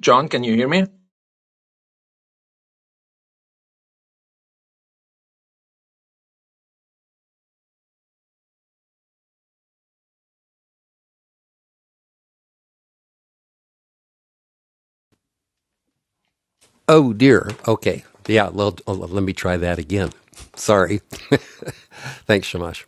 John, can you hear me? Oh dear. Okay. Yeah. Well, oh, let me try that again. Sorry. Thanks, Shamash.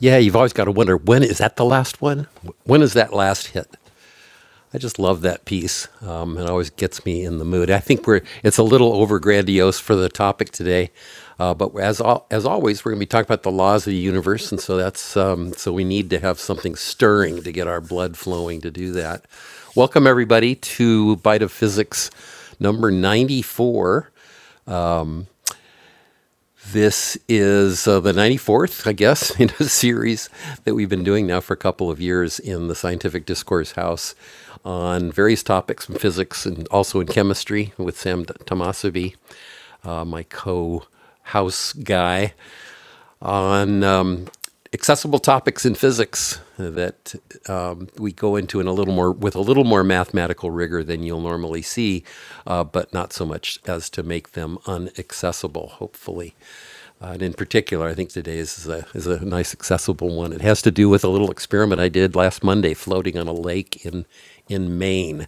Yeah, you've always got to wonder when is that the last one? When is that last hit? I just love that piece. Um, it always gets me in the mood. I think we're it's a little over grandiose for the topic today, uh, but as al- as always, we're going to be talking about the laws of the universe, and so that's um, so we need to have something stirring to get our blood flowing to do that. Welcome everybody to Bite of Physics number 94. This is uh, the 94th, I guess, in a series that we've been doing now for a couple of years in the Scientific Discourse House on various topics in physics and also in chemistry with Sam Tomasevi, uh, my co house guy on um, accessible topics in physics that um, we go into in a little more with a little more mathematical rigor than you'll normally see, uh, but not so much as to make them inaccessible. Hopefully. Uh, and in particular, I think today is a, is a nice accessible one. It has to do with a little experiment I did last Monday floating on a lake in, in Maine.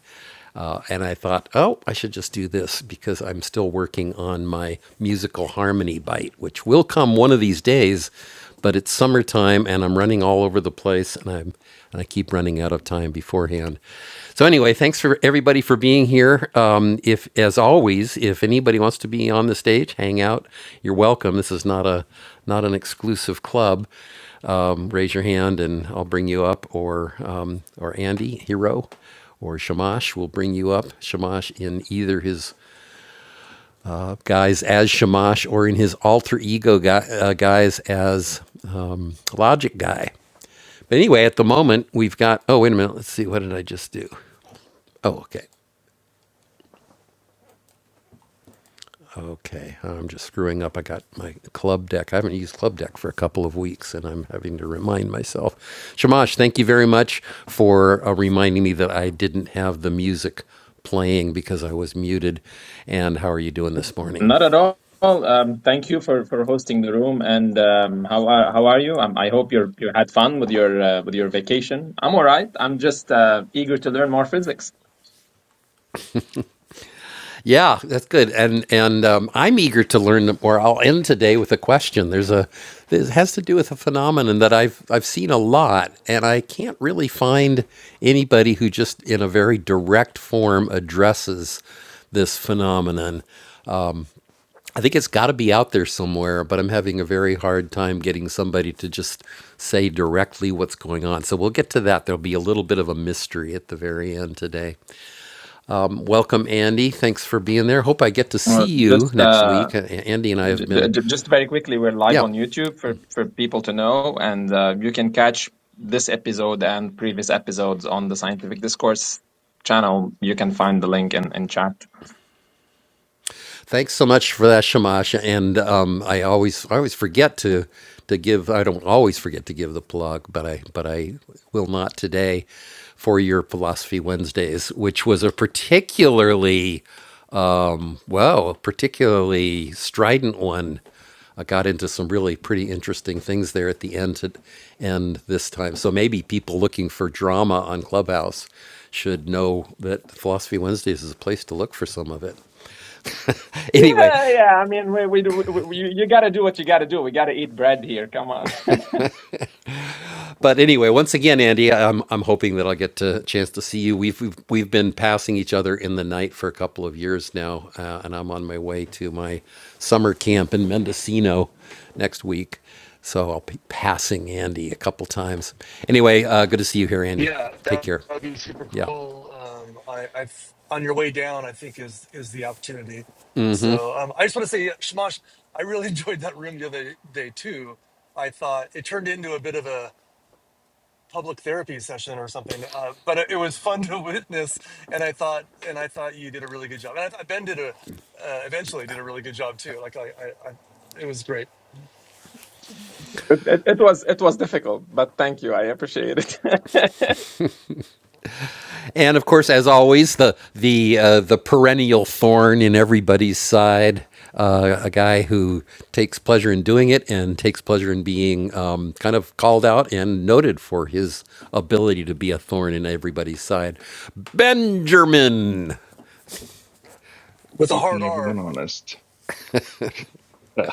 Uh, and I thought, oh, I should just do this because I'm still working on my musical harmony bite, which will come one of these days. But it's summertime, and I'm running all over the place, and I'm and I keep running out of time beforehand. So anyway, thanks for everybody for being here. Um, if, as always, if anybody wants to be on the stage, hang out. You're welcome. This is not a not an exclusive club. Um, raise your hand, and I'll bring you up, or um, or Andy Hero or Shamash will bring you up. Shamash in either his uh, guise as Shamash or in his alter ego guy, uh, guise as um, Logic Guy. But anyway, at the moment, we've got. Oh, wait a minute. Let's see. What did I just do? Oh, okay. Okay. I'm just screwing up. I got my club deck. I haven't used club deck for a couple of weeks, and I'm having to remind myself. Shamash, thank you very much for uh, reminding me that I didn't have the music playing because I was muted. And how are you doing this morning? Not at all. Um, thank you for, for hosting the room. And um, how are how are you? Um, I hope you you had fun with your uh, with your vacation. I'm all right. I'm just uh, eager to learn more physics. Yeah, that's good. And and um, I'm eager to learn more. I'll end today with a question. There's a this has to do with a phenomenon that I've I've seen a lot, and I can't really find anybody who just in a very direct form addresses this phenomenon. I think it's got to be out there somewhere, but I'm having a very hard time getting somebody to just say directly what's going on. So we'll get to that. There'll be a little bit of a mystery at the very end today. Um, welcome, Andy. Thanks for being there. Hope I get to see Uh, you just next uh, week. A- Andy and I have j been, j- just very quickly, we're live yeah. on YouTube for for people to know, and uh, you can catch this episode and previous episodes on the Scientific Discourse channel. You can find the link in in chat. Thanks so much for that, Shamash. And um, I always, I always forget to to give. I don't always forget to give the plug, but I, but I will not today for your Philosophy Wednesdays, which was a particularly Well, a particularly strident one. I got into some really pretty interesting things there at the end to end this time. So maybe people looking for drama on Clubhouse should know that Philosophy Wednesdays is a place to look for some of it. Yeah, Anyway, yeah. I mean, we we do. We, we, you gotta do what you gotta do. We gotta eat bread here. Come on. But anyway, once again, Andy, I'm I'm hoping that I'll get a chance to see you. We've we've, we've been passing each other in the night for a couple of years now, uh, and I'm on my way to my summer camp in Mendocino next week, so I'll be passing Andy a couple times. Anyway, uh, good to see you here, Andy. Yeah, Take that care. would be super Yeah. cool. Um, I, I've on your way down, I think is is the opportunity. So um, I just want to say, yeah, Shamash, I really enjoyed that room the other day too. I thought it turned into a bit of a public therapy session or something, uh, but it, it was fun to witness. And I thought, and I thought you did a really good job. And I thought Ben did a uh, eventually did a really good job too. Like I, I, I it was great It, it, it was it was difficult, but thank you. I appreciate it. And of course, as always, the the uh, the perennial thorn in everybody's side, uh, a guy who takes pleasure in doing it and takes pleasure in being um, kind of called out and noted for his ability to be a thorn in everybody's side. Benjamin. with a hard keeping everyone R. honest.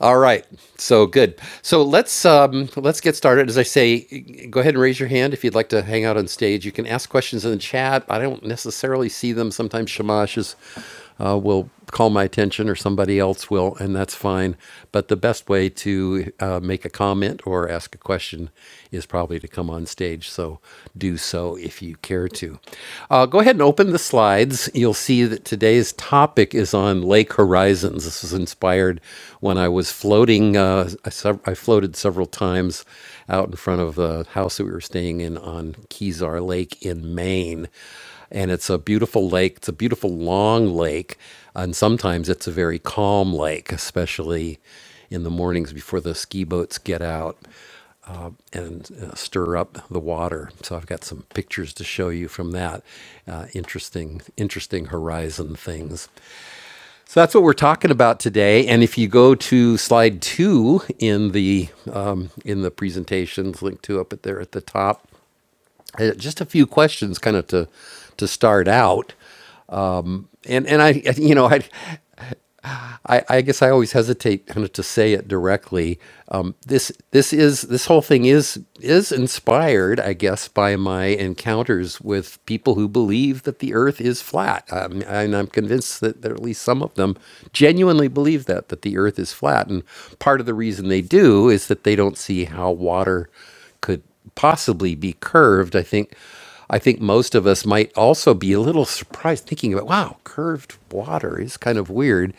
All right. So good. So let's um, let's get started. As I say, go ahead and raise your hand if you'd like to hang out on stage. You can ask questions in the chat. I don't necessarily see them. Sometimes Shamash is, uh, will call my attention or somebody else will, and that's fine. But the best way to uh, make a comment or ask a question is probably to come on stage. So do so if you care to. Uh, go ahead and open open the slides, you'll see that today's topic is on lake horizons. This was inspired when I was floating. Uh, I, I floated several times out in front of the house that we were staying in on Kezar Lake in Maine. And it's a beautiful lake. It's a beautiful long lake. And sometimes it's a very calm lake, especially in the mornings before the ski boats get out and uh, stir up the water. So I've got some pictures to show you from that. Uh, interesting, interesting horizon things. So that's what we're talking about today. And if you go to slide two in the um, in the presentations, link to up at there at the top. uh, Just a few questions, kind of to to start out and and I you know I I, I guess I always hesitate kind of to say it directly. Um, this this is this whole thing is is inspired, I guess, by my encounters with people who believe that the Earth is flat, um, and I'm convinced that, that at least some of them genuinely believe that that the Earth is flat. And part of the reason they do is that they don't see how water could possibly be curved, I think I think most of us might also be a little surprised thinking about wow, curved water is kind of weird.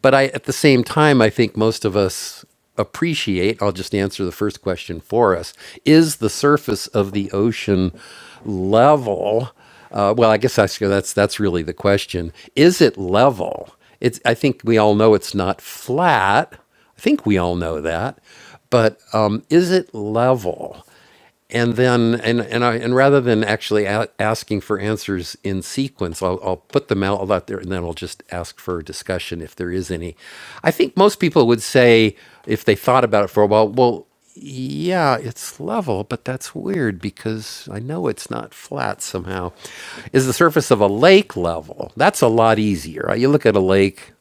But I at the same time I think most of us appreciate, I'll just answer the first question for us, is the surface of the ocean level uh, well, I guess that's that's that's really the question. Is it level? It's. I think we all know it's not flat. I think we all know that, but um, is it level? and then and and I and rather than actually a- asking for answers in sequence, I'll, I'll put them out all out there, and then I'll just ask for discussion if there is any. I think most people would say if they thought about it for a while, well. Yeah, it's level, but that's weird because I know it's not flat somehow. Is the surface of a lake level? That's a lot easier, right? You look at a lake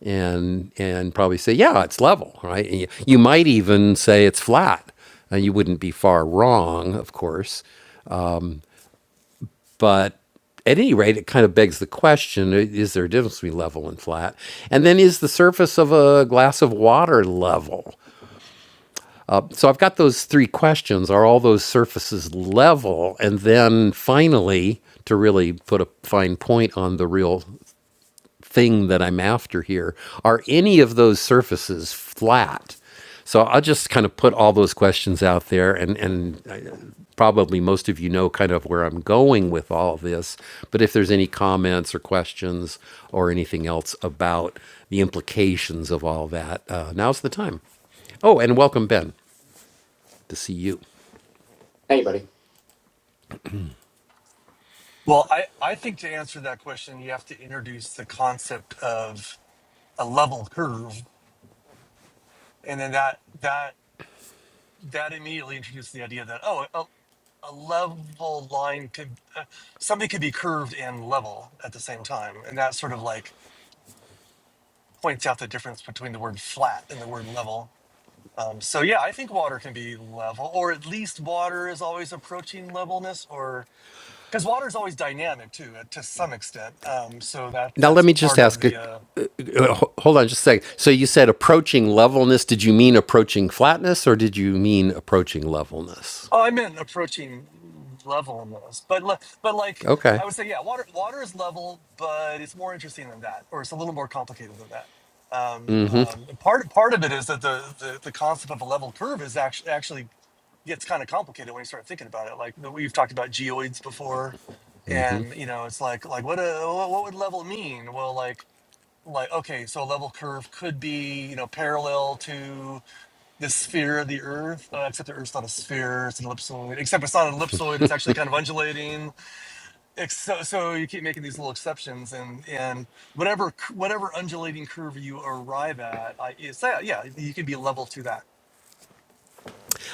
and and probably say, yeah, it's level, right? And you, you might even say it's flat. And you wouldn't be far wrong, of course. But at any rate, it kind of begs the question: i- Is there a difference between level and flat? And then, is the surface of a glass of water level? so I've got those three questions. Are all those surfaces level? And then finally, to really put a fine point on the real thing that I'm after here, are any of those surfaces flat? So I'll just kind of put all those questions out there, and and I- probably most of you know kind of where I'm going with all of this. But if there's any comments or questions or anything else about the implications of all that, uh, now's the time. Oh, and welcome, Ben to see you. Hey, buddy. Well, I, I think to answer that question, you have to introduce the concept of a level curve and then that that that immediately introduced the idea that oh a, a level line could uh, something could be curved and level at the same time and that sort of like points out the difference between the word flat and the word level um, so yeah i think water can be level or at least water is always approaching levelness or because water is always dynamic too uh, to some extent um, so that Now, let that's me just part of ask. the uh, uh, uh, hold on, just a second. So you said approaching levelness. Did you mean approaching flatness, or did you mean approaching levelness? Oh, I meant a protein level but le- but like Okay. I would say, yeah, water water is level, but it's more interesting than that, or it's a little more complicated than that. Um, um, and part part of it is that the, the the concept of a level curve is actually actually gets kind of complicated when you start thinking about it. Like we've talked about geoids before, and you know it's like like what a, what what would level mean? Well, like like okay, so a level curve could be you know parallel to the sphere of the Earth, uh, except the Earth's not a sphere; it's an ellipsoid. Except it's not an ellipsoid; it's actually kind of undulating. Ex- So, so you keep making these little exceptions, and and whatever c- whatever undulating curve you arrive at, I, it's that, yeah, you can be level to that.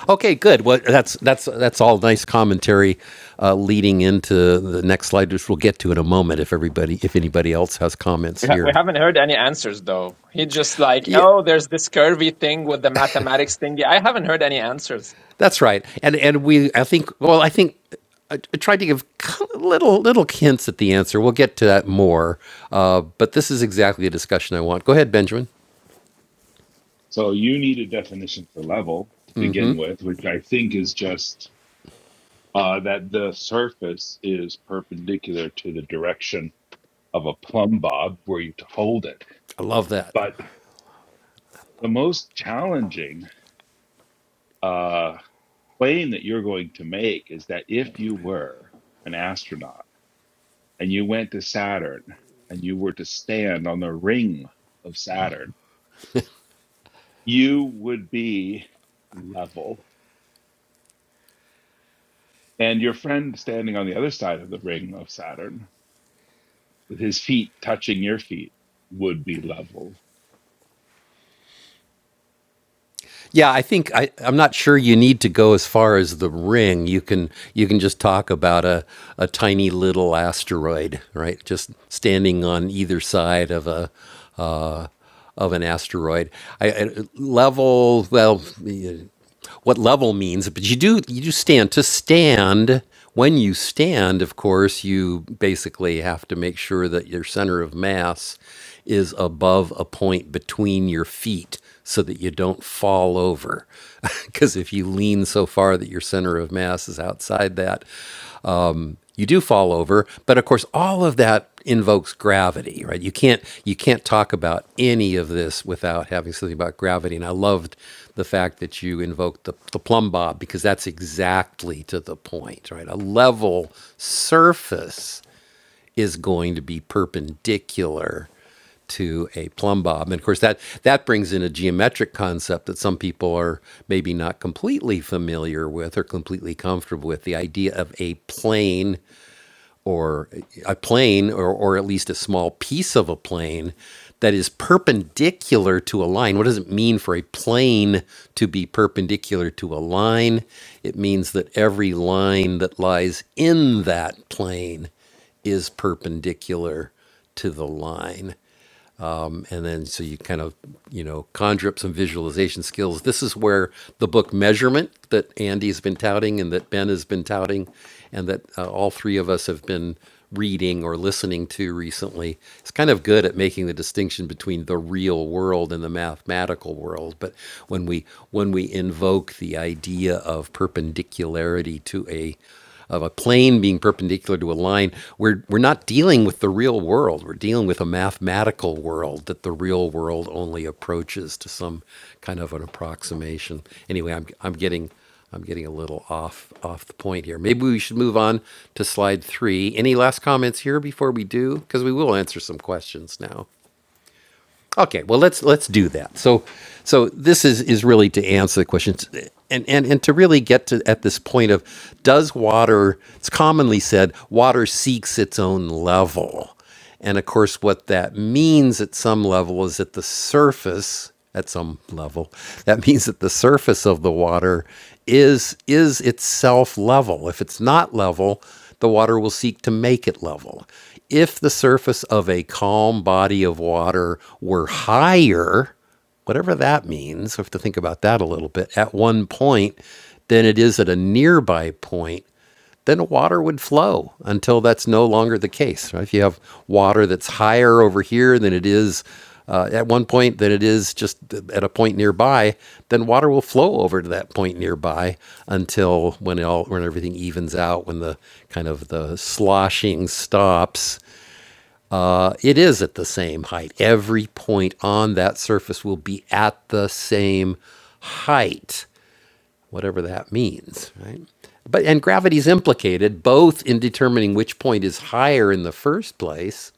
Okay. Good. Well, that's that's that's all nice commentary, uh, leading into the next slide, which we'll get to in a moment. If everybody, if anybody else has comments we, ha- we here. haven't heard any answers though. He just like, yeah. oh, there's this curvy thing with the mathematics thingy. I haven't heard any answers. That's right. And and we I think well I think I, tried to give little little hints at the answer. We'll get to that more. Uh, but this is exactly the discussion I want. Go ahead, Benjamin. so you need a definition for level to begin with, which I think is just uh, that the surface is perpendicular to the direction of a plumb bob where you hold it. I love that. But the most challenging uh, claim that you're going to make is that if you were an astronaut and you went to Saturn and you were to stand on the ring of Saturn, you would be level and your friend standing on the other side of the ring of Saturn with his feet touching your feet would be level Yeah, I think I, I'm not sure you need to go as far as the ring. You can you can just talk about a, a tiny little asteroid, right? Just standing on either side of a uh, of an asteroid. I, I level well, y- what level means, but you do you do stand to stand. When you stand, of course, you basically have to make sure that your center of mass is above a point between your feet so that you don't fall over. Because if you lean so far that your center of mass is outside that, you do fall over. But of course, all of that invokes gravity, right? You can't you can't talk about any of this without having something about gravity. And I loved the fact that you invoked the, the plumb bob because that's exactly to the point, right? A level surface is going to be perpendicular to a plumb bob. And of course, that, that brings in a geometric concept that some people are maybe not completely familiar with or completely comfortable with the idea of a plane or a plane or, or at least a small piece of a plane that is perpendicular to a line. What does it mean for a plane to be perpendicular to a line? It means that every line that lies in that plane is perpendicular to the line. Um, and then so you kind of you know conjure up some visualization skills this is where the book measurement that andy's been touting and that ben has been touting and that uh, all three of us have been reading or listening to recently it's kind of good at making the distinction between the real world and the mathematical world but when we when we invoke the idea of perpendicularity to a of a plane being perpendicular to a line, we're, we're not dealing with the real world. We're dealing with a mathematical world that the real world only approaches to some kind of an approximation. Anyway, I'm, I'm getting I'm getting a little off off the point here. Maybe we should move on to slide three. Any last comments here before we do? Because we will answer some questions now. Okay, well let's let's do that. So so this is is really to answer the questions and and and to really get to at this point of does water it's commonly said water seeks its own level. And of course what that means at some level is that the surface at some level that means that the surface of the water is is itself level. If it's not level, the water will seek to make it level. If the surface of a calm body of water were higher, whatever that means, we have to think about that a little bit, at one point than it is at a nearby point, then water would flow until that's no longer the case. right? If you have water that's higher over here than it is uh, at one point than it is just at a point nearby, then water will flow over to that point nearby until when it all when everything evens out, when the kind of the sloshing stops. Uh, it is at the same height. Every point on that surface will be at the same height, whatever that means, right? But and gravity is implicated both in determining which point is higher in the first place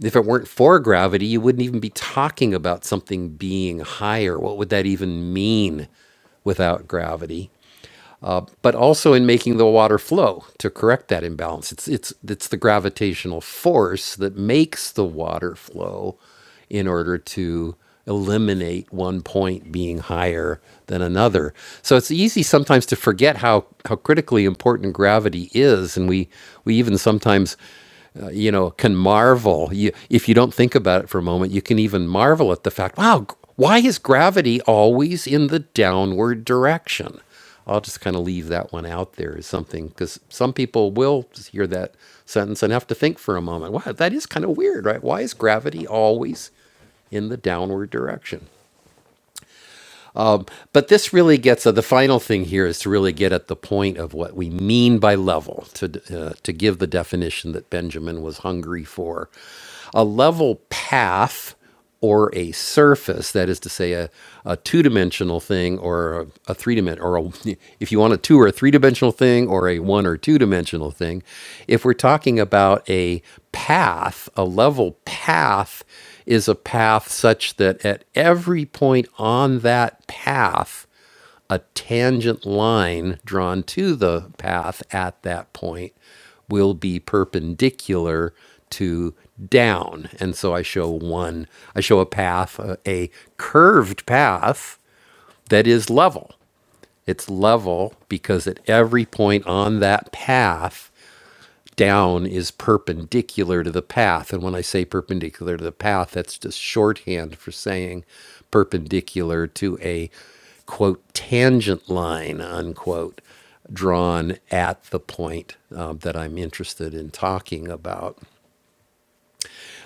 if it weren't for gravity, you wouldn't even be talking about something being higher. What would that even mean without gravity? uh, but also in making the water flow to correct that imbalance. It's, it's, it's the gravitational force that makes the water flow in order to eliminate one point being higher than another. So it's easy sometimes to forget how, how critically important gravity is. And we, we even sometimes uh, you know, can marvel. You, if you don't think about it for a moment, you can even marvel at the fact, wow, why is gravity always in the downward direction? I'll just kind of leave that one out there as something because some people will hear that sentence and have to think for a moment. Wow, that is kind of weird, right? Why is gravity always in the downward direction? Um, But this really gets uh, the final thing here is to really get at the point of what we mean by level, to, uh, to give the definition that Benjamin was hungry for. A level path or a surface, that is to say, a, a two dimensional thing or a, a three dimensional, or a, if you want a two or a three dimensional thing or a one or two dimensional thing, if we're talking about a path, a level path is a path such that at every point on that path, a tangent line drawn to the path at that point will be perpendicular to down. And so I show one, I show a path, a, a curved path that is level. It's level because at every point on that path, down is perpendicular to the path. And when I say perpendicular to the path, that's just shorthand for saying perpendicular to a quote tangent line unquote drawn at the point um, that I'm interested in talking about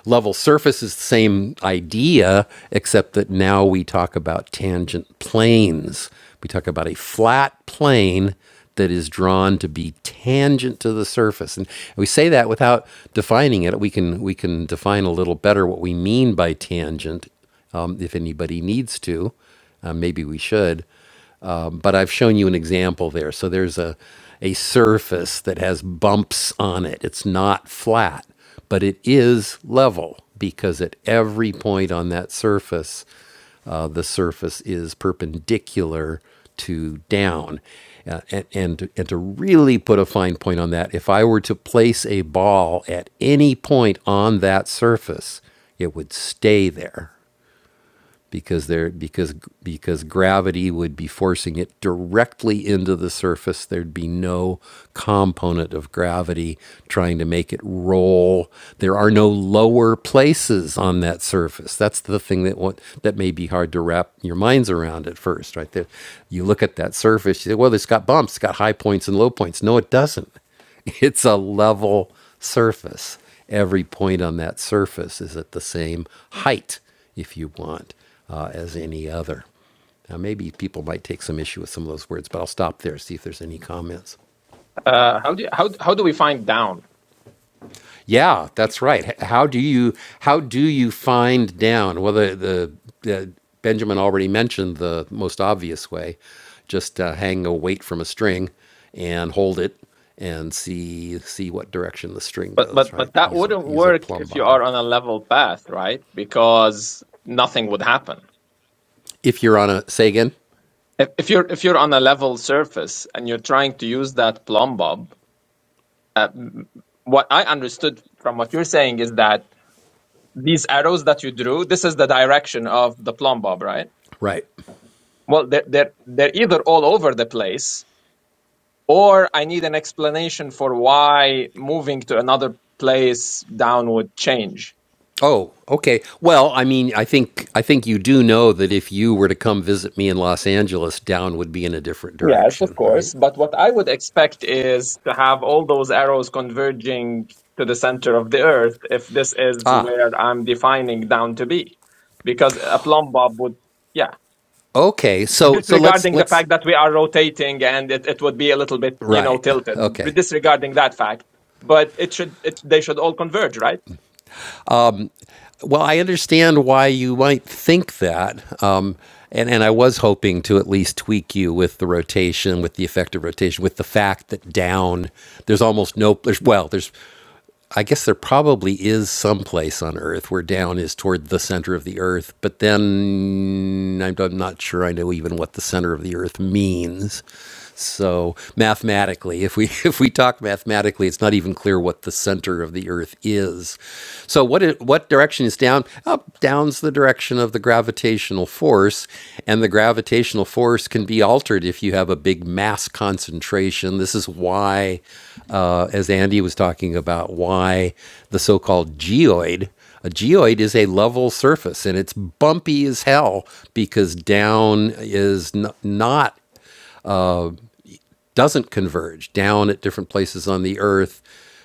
level surface is the same idea, except that now we talk about tangent planes. We talk about a flat plane that is drawn to be tangent to the surface. And we say that without defining it. We can we can define a little better what we mean by tangent um, if anybody needs to. Uh, maybe we should. Um, but I've shown you an example there. So there's a, a surface that has bumps on it. It's not flat, but it is level because at every point on that surface, uh, the surface is perpendicular to down. Uh, and, and, and to really put a fine point on that, if I were to place a ball at any point on that surface, it would stay there because there because because gravity would be forcing it directly into the surface there'd be no component of gravity trying to make it roll there are no lower places on that surface that's the thing that what that may be hard to wrap your minds around at first right there you look at that surface you say well it's got bumps it's got high points and low points no it doesn't It's a level surface. Every point on that surface is at the same height, if you want, uh, as any other. Now, maybe people might take some issue with some of those words, but I'll stop there, see if there's any comments. Uh, how do you, how how do we find down? Yeah, that's right. How do you how do you find down? Well, the, the, the Benjamin already mentioned the most obvious way: just uh, hang a weight from a string and hold it and see see what direction the string But goes. but Right? but that Use a wouldn't use a work plumb if you bob. are on a level path, right? Because nothing would happen. If you're on a say again. If, if you're if you're on a level surface and you're trying to use that plumb bob Uh, what I understood from what you're saying is that these arrows that you drew, this is the direction of the plumb bob, right? Right. Well, they're, they're, they're either all over the place, or I need an explanation for why moving to another place down would change. Oh, okay. Well, I mean, I think I think you do know that if you were to come visit me in Los Angeles, down would be in a different Yes, of direction, right? course. But what I would expect is to have all those arrows converging to the center of the earth if this is Ah, where I'm defining down to be. Because a plumb bob would, yeah. okay. So so let's disregarding the let's fact that we are rotating and it, it would be a little bit you know Right. tilted Okay. disregarding that fact but it should it, they should all converge right Well, I understand why you might think that. Um, and, and I was hoping to at least tweak you with the rotation, with the effective rotation, with the fact that down, there's almost no, there's, well, there's, I guess there probably is some place on Earth where down is toward the center of the Earth, but then I'm, I'm not sure I know even what the center of the Earth means. So mathematically, if we if we talk mathematically, it's not even clear what the center of the Earth is. So what it, what direction is down? Up down's the direction of the gravitational force, and the gravitational force can be altered if you have a big mass concentration. This is why, uh, as Andy was talking about, why the so-called geoid. A geoid is a level surface and it's bumpy as hell because down is n- not doesn't converge down at different places on the earth.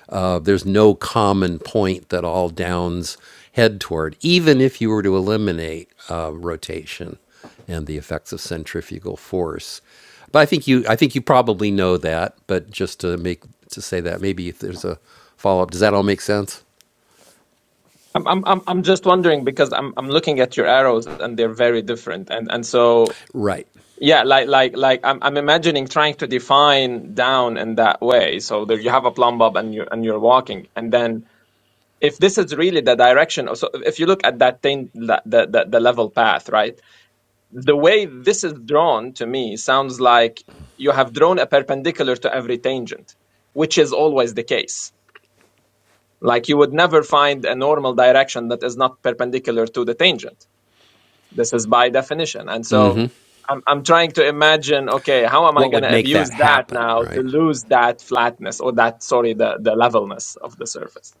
Uh, there's no common point that all downs head toward, even if you were to eliminate uh, rotation and the effects of centrifugal force. But I think you, I think you probably know that. But just to make to say that, maybe if there's a follow up, does that all make sense? I'm, I'm i'm I'm just wondering because i'm i'm looking at your arrows and they're very different and and so Right. yeah like like like i'm i'm imagining trying to define down in that way so there you have a plumb bob and you are and you're walking and then if this is really the direction so if you look at that thing the the, the the level path right the way this is drawn to me sounds like you have drawn a perpendicular to every tangent, which is always the case. Like you would never find a normal direction that is not perpendicular to the tangent. This is by definition. And so I'm, I'm trying to imagine okay, how am I What going would to make that abuse that happen? now to Right. lose that flatness or that, sorry, the, the levelness of the surface?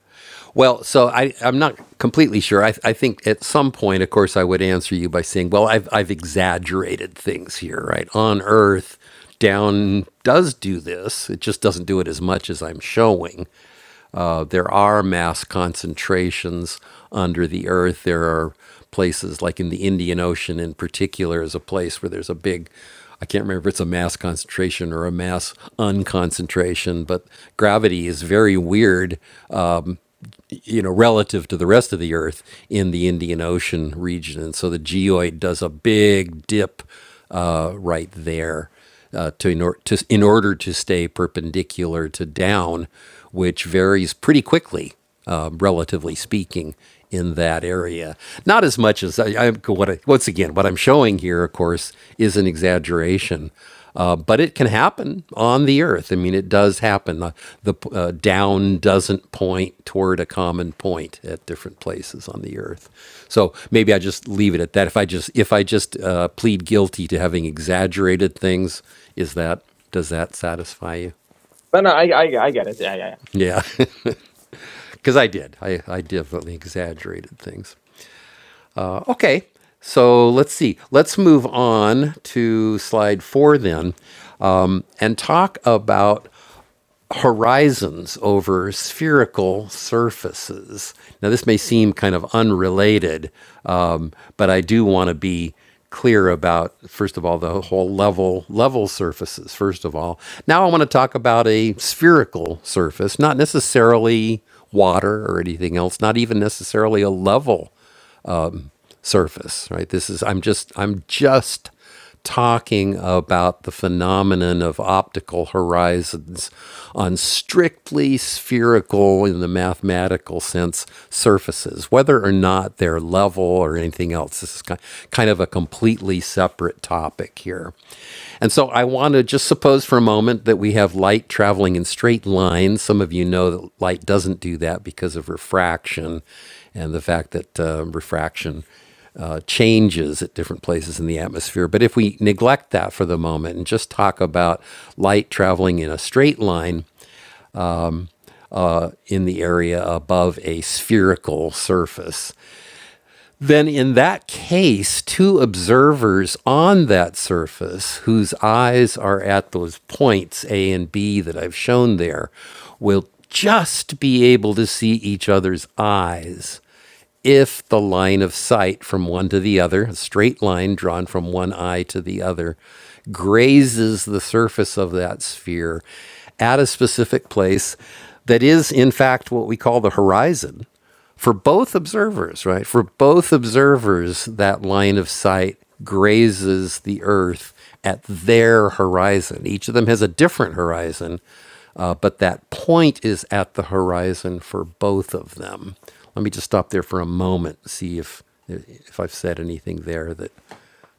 Well, so I, I'm not completely sure. I, I think at some point, of course, I would answer you by saying, well, I've, I've exaggerated things here, right? On Earth, down does do this. It just doesn't do it as much as I'm showing. Uh, there are mass concentrations under the Earth. There are places like in the Indian Ocean, in particular, is a place where there's a big I can't remember if it's a mass concentration or a mass unconcentration, but gravity is very weird you know, relative to the rest of the Earth in the Indian Ocean region. And so the geoid does a big dip uh, right there uh, to, in or, to in order to stay perpendicular to down, which varies pretty quickly, um, relatively speaking, in that area. Not as much as I, I what I, once again what I'm showing here, of course, is an exaggeration uh, but it can happen on the earth. I mean, it does happen. Uh, the uh, down doesn't point toward a common point at different places on the earth. So maybe I just leave it at that. If I just if I just uh, plead guilty to having exaggerated things, is that does that satisfy you? But no, I, I, I get it. Yeah, yeah, yeah. Yeah, because I did. I, I definitely exaggerated things. Uh, okay, so let's see. Let's move on to slide four then um, and talk about horizons over spherical surfaces. Now, this may seem kind of unrelated, um, but I do want to be clear about first of all the whole level level surfaces first of all now i want to talk about a spherical surface not necessarily water or anything else not even necessarily a level surface, right? This is I'm just I'm just talking about the phenomenon of optical horizons on strictly spherical in the mathematical sense surfaces whether or not they're level or anything else this is kind of a completely separate topic here and so i want to just suppose for a moment that we have light traveling in straight lines some of you know that light doesn't do that because of refraction and the fact that uh, refraction uh, changes at different places in the atmosphere. But if we neglect that for the moment and just talk about light traveling in a straight line uh, in the area above a spherical surface, then in that case, two observers on that surface whose eyes are at those points A and B that I've shown there will just be able to see each other's eyes if the line of sight from one to the other, a straight line drawn from one eye to the other, grazes the surface of that sphere at a specific place that is, in fact, what we call the horizon for both observers, right? For both observers, that line of sight grazes the earth at their horizon. Each of them has a different horizon, uh, but that point is at the horizon for both of them. Let me just stop there for a moment, see if if I've said anything there that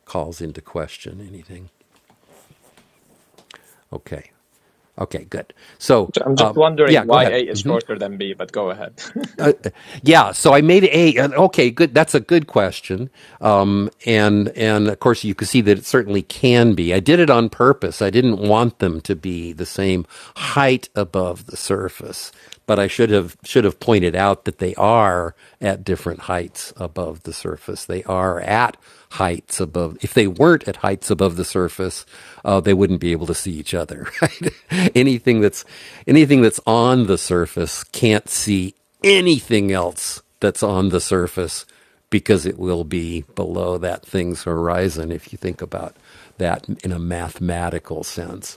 calls into question anything. Okay. Okay, good. So, I'm just um, wondering yeah, go why A ahead. is shorter than B, but go ahead. yeah, so I made a and okay, good. That's a good question. Um, and and of course you can see that it certainly can be. I did it on purpose. I didn't want them to be the same height above the surface, but I should have should have pointed out that they are at different heights above the surface. They are at heights above. If they weren't at heights above the surface, uh, they wouldn't be able to see each other. Right? anything that's anything that's on the surface can't see anything else that's on the surface because it will be below that thing's horizon if you think about that in a mathematical sense.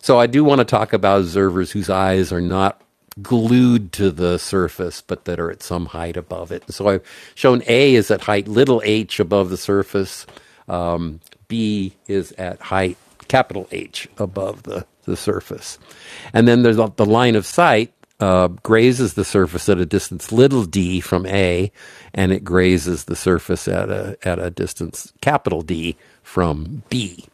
So I do want to talk about observers whose eyes are not glued to the surface but that are at some height above it. So I've shown A is at height little h above the surface. Um, B is at height capital H above the, the surface. And then there's the the line of sight uh, grazes the surface at a distance little d from A, and it grazes the surface at a at a distance capital D from B.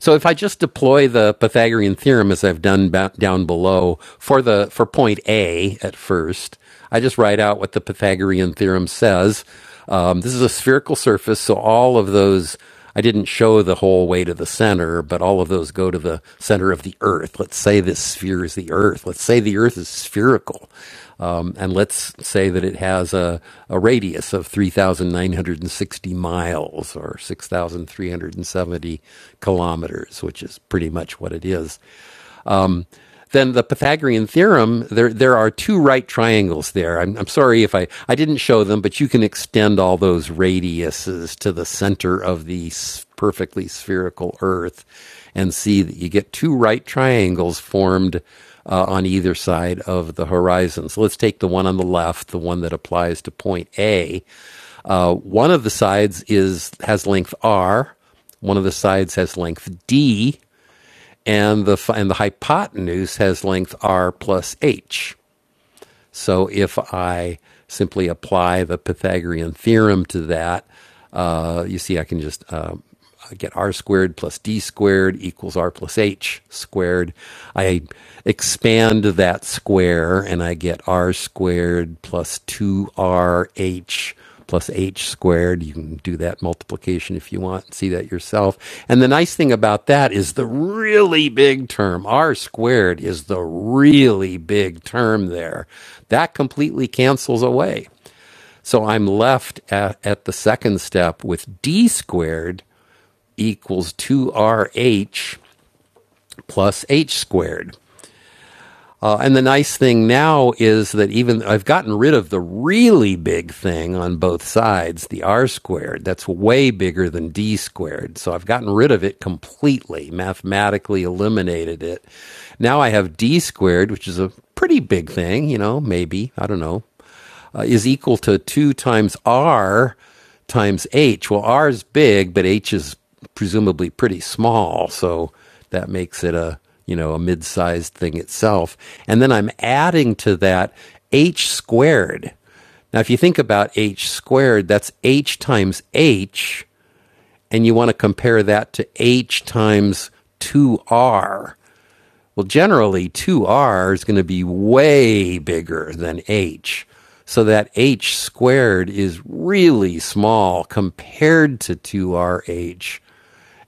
So if I just deploy the Pythagorean theorem as I've done ba- down below for the for point A at first, I just write out what the Pythagorean theorem says. Um, this is a spherical surface, so all of those I didn't show the whole way to the center, but all of those go to the center of the Earth. Let's say this sphere is the Earth. Let's say the Earth is spherical. Um, and let's say that it has a, a radius of 3,960 miles or 6,370 kilometers, which is pretty much what it is then the Pythagorean theorem, there, there are two right triangles there. I'm, I'm sorry if I, I didn't show them, but you can extend all those radiuses to the center of the perfectly spherical Earth and see that you get two right triangles formed uh, on either side of the horizon. So let's take the one on the left, the one that applies to point A. Uh, one of the sides is has length R, one of the sides has length D, and the and the hypotenuse has length r plus h. So if I simply apply the Pythagorean theorem to that, uh, you see I can just uh, get r squared plus d squared equals r plus h squared. I expand that square and I get r squared plus 2rh plus h squared. You can do that multiplication if you want, see that yourself. And the nice thing about that is the really big term, r squared, is the really big term there. That completely cancels away. So I'm left at, at the second step with d squared equals 2rh plus h squared. Uh, and the nice thing now is that even I've gotten rid of the really big thing on both sides, the r squared. That's way bigger than d squared. So I've gotten rid of it completely, mathematically eliminated it. Now I have d squared, which is a pretty big thing, you know, maybe, I don't know uh, is equal to 2 times r times h. Well, r is big, but h is presumably pretty small, so that makes it a you know a mid-sized thing itself. And then I'm adding to that h squared. Now, if you think about h squared, that's h times h, and you want to compare that to h times 2r. Well, generally, 2r is going to be way bigger than h. So that h squared is really small compared to 2rh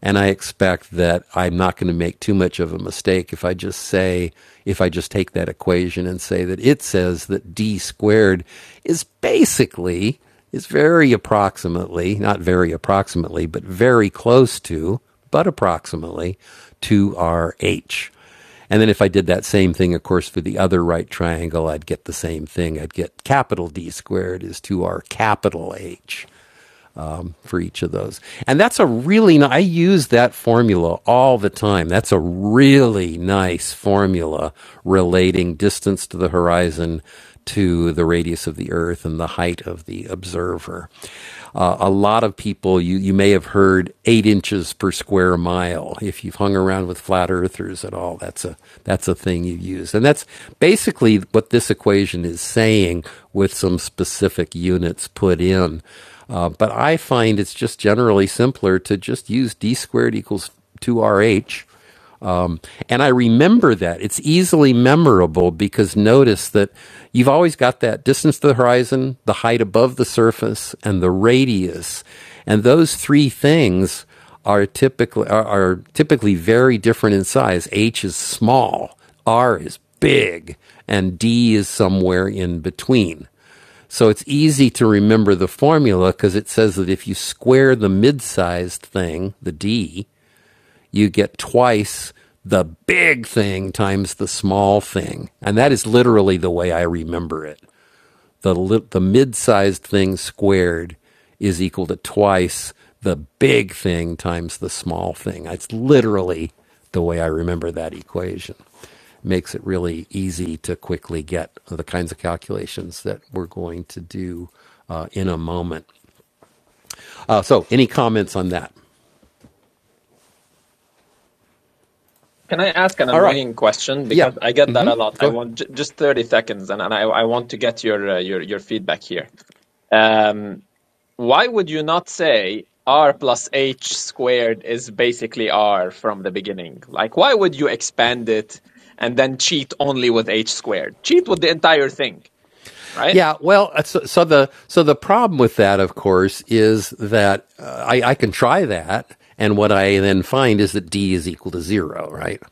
and I expect that I'm not going to make too much of a mistake if I just say, if I just take that equation and say that it says that d squared is basically, is very approximately, not very approximately, but very close to, but approximately, to our h. And then if I did that same thing, of course, for the other right triangle, I'd get the same thing. I'd get capital D squared is to our capital H for each of those. And that's a really I use that formula all the time. That's a really nice formula relating distance to the horizon to the radius of the earth and the height of the observer. Uh, a lot of people you you may have heard 8 inches per square mile if you've hung around with flat earthers at all. That's a that's a thing you use. And that's basically what this equation is saying with some specific units put in uh, but I find it's just generally simpler to just use d squared equals 2rh. And I remember that. It's easily memorable because notice that you've always got that distance to the horizon, the height above the surface, and the radius. And those three things are typically are, are typically very different in size. H is small, R is big, and D is somewhere in between. So it's easy to remember the formula because it says that if you square the mid sized thing, the D, you get twice the big thing times the small thing. And that is literally the way I remember it the li- the mid-sized thing squared is equal to twice the big thing times the small thing. It's literally the way I remember that equation. Makes it really easy to quickly get the kinds of calculations that we're going to do uh, in a moment. Uh, so, any comments on that? Can I ask an All right. annoying question? Yeah, Because I get that a lot. I go ahead. want j just 30 seconds and, and I, I want to get your, uh, your, your feedback here. Um, why would you not say R plus H squared is basically R from the beginning? Like, why would you expand it and then cheat only with H squared? Cheat with the entire thing, right? Yeah, well, uh, so, so the so the problem with that, of course, is that uh, I, I can try that, and what I then find is that d is equal to zero, right?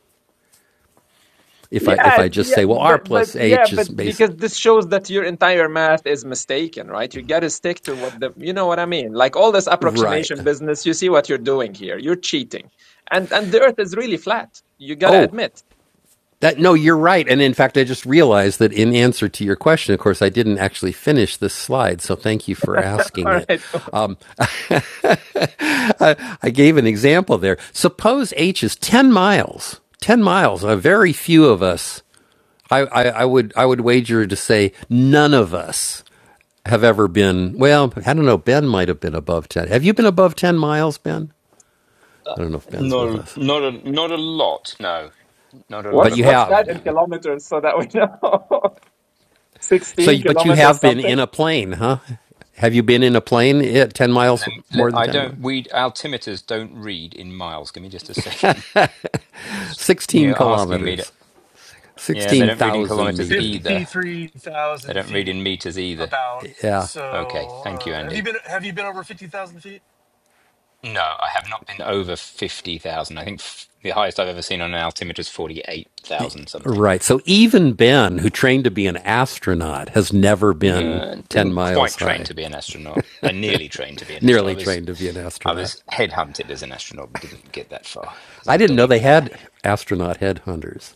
If I if Yeah, I just yeah, say, well, r but but plus yeah, h but is basic, because this shows that your entire math is mistaken, right? You got to stick to what the, you know what I mean? Like all this right? approximation business, you see what you're doing here. You're cheating, and and the Earth is really flat. You got to Oh, admit. that no, you're right. And in fact, I just realized that in answer to your question, of course, I didn't actually finish this slide, so thank you for asking All it. right, Um, I gave an example there. Suppose h is ten miles, ten miles. Uh, very few of us I, I, I would I would wager to say none of us have ever been. Well, I don't know. Ben might have been above ten. Have you been above ten miles, Ben? Uh, I don't know if Ben's with Not us, not a not a lot. No, not a but lot what's you above what's have that. that in been. kilometers so that we know? So, Sixteen but you kilometers have been something? in a plane, huh? Have you been in a plane at ten miles Let, let, more than I ten miles? don't. We altimeters don't read in miles. Give me just a second. Sixteen You're asking me to. kilometers, Yeah, they sixteen don't read in thousand kilometers meters. either. Fifty-three They thousand don't read feet, in meters either. about. Yeah, Okay, So, thank you, uh, have you Andy. been have you been over fifty thousand feet? No, I have not been over fifty thousand. I think f- the highest I've ever seen on an altimeter is forty-eight thousand something. right. So even Ben, who trained to be an astronaut, has never been No, I ten didn't miles quite train high. to be an astronaut. I nearly trained to be an astronaut. Nearly I was, trained to be an I astronaut. was headhunted as an astronaut, but didn't get that far because of I a didn't know dodgy they bladder. had astronaut headhunters.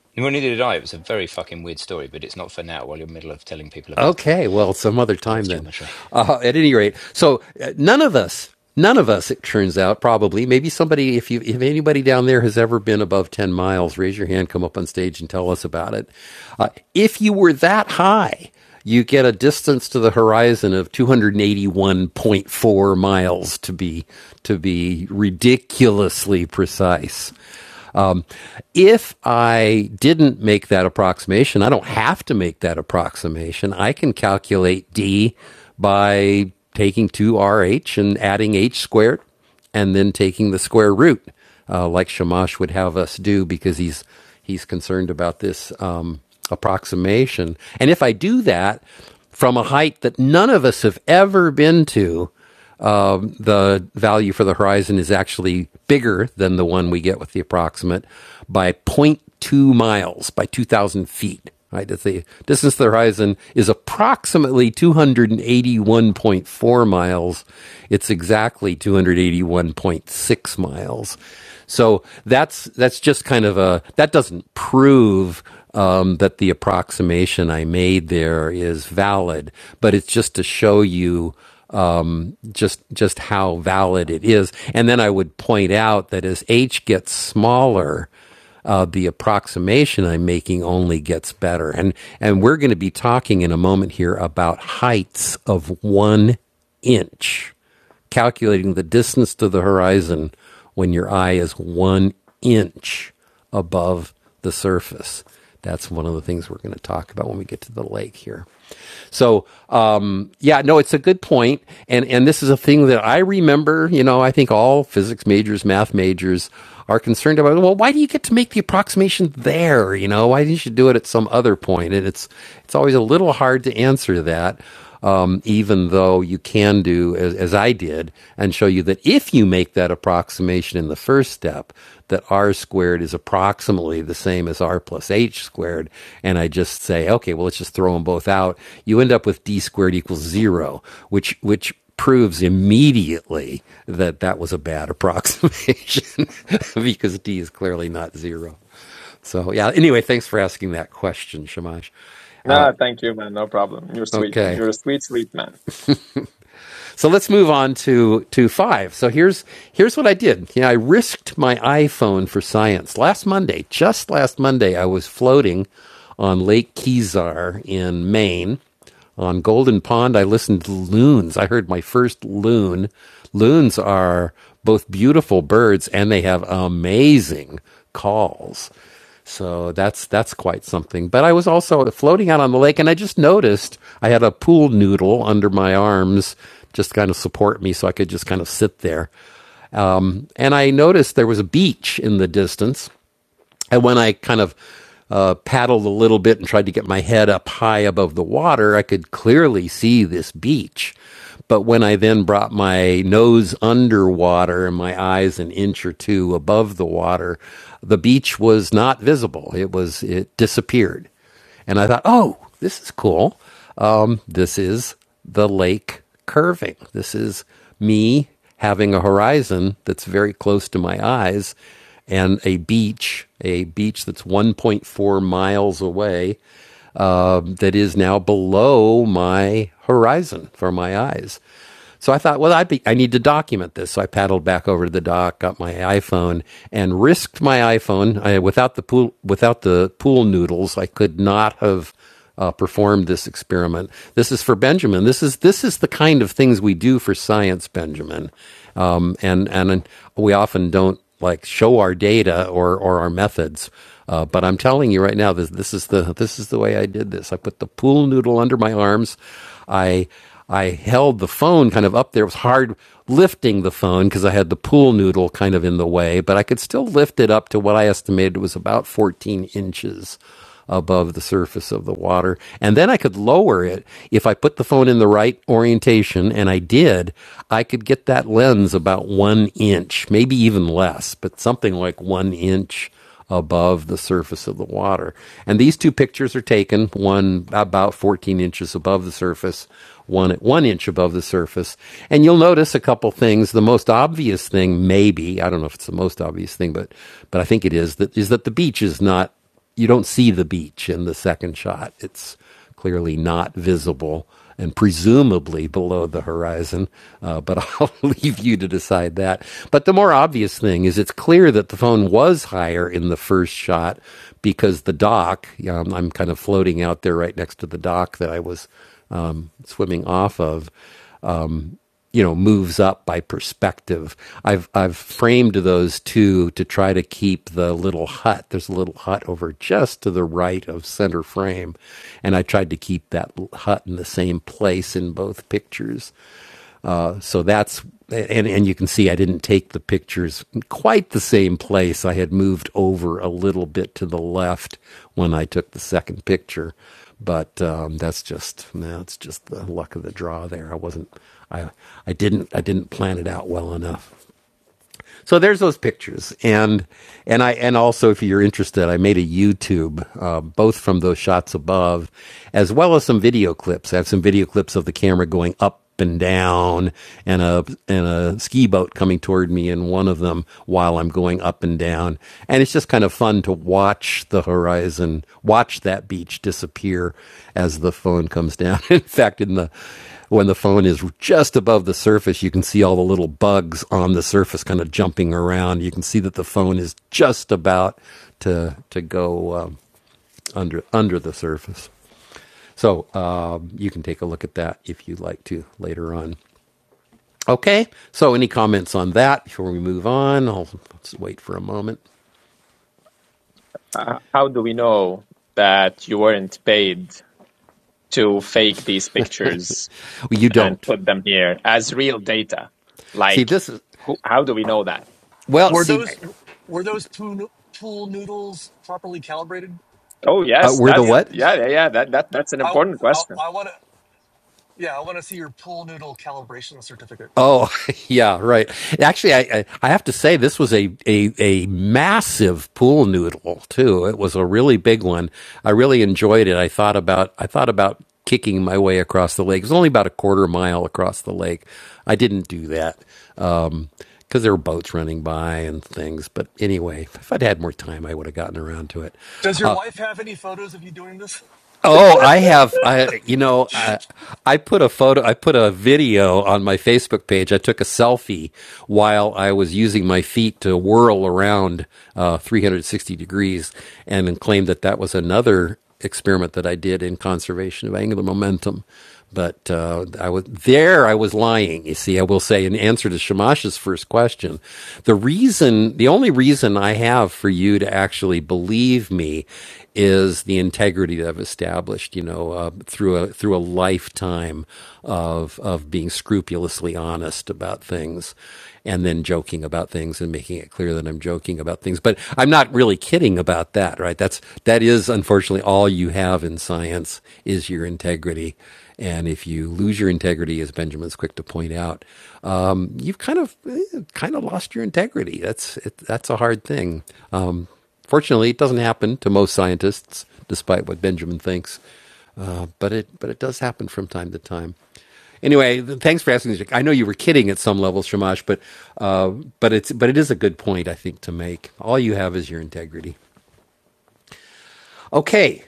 Yeah. Well, neither did I. It was a very fucking weird story, but it's not for now. While you're in the middle of telling people about uh, Okay, well, some other time Earth then. geometry, Uh, at any rate, so uh, none of us, none of us, it turns out, probably, maybe somebody, if you, if anybody down there has ever been above ten miles, raise your hand, come up on stage, and tell us about it. Uh, if you were that high, you get a distance to the horizon of 281.4 miles to be to be ridiculously precise. If I didn't make that approximation, I don't have to make that approximation. I can calculate D by taking 2RH and adding H squared and then taking the square root, uh, like Shamash would have us do because he's he's concerned about this um, approximation. And if I do that from a height that none of us have ever been to, um, the value for the horizon is actually bigger than the one we get with the approximate by zero point 0.2 miles, by 2,000 feet. Right, that's the distance to the horizon is approximately 281.4 miles. It's exactly 281.6 miles. So that's that's just kind of a that doesn't prove um, that the approximation I made there is valid, but it's just to show you um, just just how valid it is. And then I would point out that as h gets smaller, uh, the approximation I'm making only gets better. And and we're going to be talking in a moment here about heights of one inch calculating the distance to the horizon when your eye is one inch above the surface. That's one of the things we're going to talk about when we get to the lake here. So, um, yeah, no, it's a good point, and and this is a thing that I remember. You know, I think all physics majors, math majors, are concerned about. Well, why do you get to make the approximation there? You know, why didn't you do it at some other point? And it's it's always a little hard to answer that um, even though you can do as, as I did and show you that if you make that approximation in the first step, that r squared is approximately the same as r plus h squared, and I just say, okay, well, let's just throw them both out. You end up with d squared equals zero, which which proves immediately that that was a bad approximation because d is clearly not zero. So yeah. Anyway, thanks for asking that question, Shamash. No, thank you, man. No problem. You're sweet. Okay. You're a sweet, sweet man. So let's move on to to five. So here's here's what I did. You know, I risked my iPhone for science last Monday. Just last Monday, I was floating on Lake Kezar in Maine. On Golden Pond, I listened to loons. I heard my first loon. Loons are both beautiful birds and they have amazing calls. So that's that's quite something. But I was also floating out on the lake, and I just noticed I had a pool noodle under my arms, just to kind of support me, so I could just kind of sit there. Um, and I noticed there was a beach in the distance, and when I kind of uh, paddled a little bit and tried to get my head up high above the water, I could clearly see this beach. But when I then brought my nose underwater and my eyes an inch or two above the water, the beach was not visible. It was, it disappeared. And I thought, oh, this is cool. Um, this is the lake curving. This is me having a horizon that's very close to my eyes and a beach, a beach that's 1.4 miles away um, that is now below my horizon for my eyes. So I thought, well, I'd be, I need to document this. So I paddled back over to the dock, got my iPhone, and risked my iPhone. I, without the pool, without the pool noodles, I could not have uh, performed this experiment. This is for Benjamin. This is this is the kind of things we do for science, Benjamin. Um, and and we often don't like show our data or or our methods. Uh, but I'm telling you right now, this this is the this is the way I did this. I put the pool noodle under my arms. I I held the phone kind of up there. It was hard lifting the phone because I had the pool noodle kind of in the way, but I could still lift it up to what I estimated was about 14 inches above the surface of the water. And then I could lower it if I put the phone in the right orientation, and I did, I could get that lens about one inch, maybe even less, but something like one inch above the surface of the water. And these two pictures are taken, one about 14 inches above the surface, one at one inch above the surface. And you'll notice a couple things. The most obvious thing, maybe, I don't know if it's the most obvious thing, but, but I think it is, that, is that the beach is not you don't see the beach in the second shot. It's clearly not visible and presumably below the horizon, uh, but I'll leave you to decide that. But the more obvious thing is it's clear that the phone was higher in the first shot because the dock, um, I'm kind of floating out there right next to the dock that I was um, swimming off of you know moves up by perspective i've i've framed those two to try to keep the little hut there's a little hut over just to the right of center frame and i tried to keep that l- hut in the same place in both pictures uh, so that's and and you can see I didn't take the pictures in quite the same place. I had moved over a little bit to the left when I took the second picture, but um, that's just that's just the luck of the draw. There, I wasn't I I didn't I didn't plan it out well enough. So there's those pictures, and and I and also if you're interested, I made a YouTube uh, both from those shots above, as well as some video clips. I have some video clips of the camera going up and down, and a and a ski boat coming toward me in one of them while I'm going up and down, and it's just kind of fun to watch the horizon, watch that beach disappear as the phone comes down. in fact, in the when the phone is just above the surface, you can see all the little bugs on the surface kind of jumping around. You can see that the phone is just about to to go um, under under the surface. So um, you can take a look at that if you'd like to later on. Okay. So any comments on that before we move on? I'll let's wait for a moment. Uh, how do we know that you weren't paid to fake these pictures? Well, you and don't put them here as real data. see Like, this is who, how do we know that? well. Were See, those were those pool, pool noodles properly calibrated? Oh, uh, yes, we're the that's Yeah, what? yeah, yeah, yeah. That that that's an important I, question. I want to. Yeah, I want to see your pool noodle calibration certificate. Oh, yeah, right. Actually, I, I, have to say this was a, a, a massive pool noodle too. It was a really big one. I really enjoyed it. I thought about, I thought about kicking my way across the lake. It was only about a quarter mile across the lake. I didn't do that. Um 'cause because there were boats running by and things. But anyway, if I'd had more time, I would have gotten around to it. Does your wife have any photos of you doing this? Oh, I have. I you know, I, I put a photo, I put a video on my Facebook page. I took a selfie while I was using my feet to whirl around uh, 360 degrees, and then claimed that that was another experiment that I did in conservation of angular momentum. But uh, I was there. I was lying. You see, I will say in answer to Shamash's first question, the reason, the only reason I have for you to actually believe me is the integrity that I've established, you know, uh, through a through a lifetime of of being scrupulously honest about things, and then joking about things and making it clear that I'm joking about things. But I'm not really kidding about that, right? That's that is unfortunately all you have in science is your integrity. And if you lose your integrity, as Benjamin's quick to point out, um, you've kind of eh, kind of lost your integrity. That's it, that's a hard thing. Um, Fortunately, it doesn't happen to most scientists, despite what Benjamin thinks. Uh, but it but it does happen from time to time. Anyway, th- thanks for asking. I know you were kidding at some levels, Shamash, but uh, but it's but it is a good point I think to make. All you have is your integrity. Okay,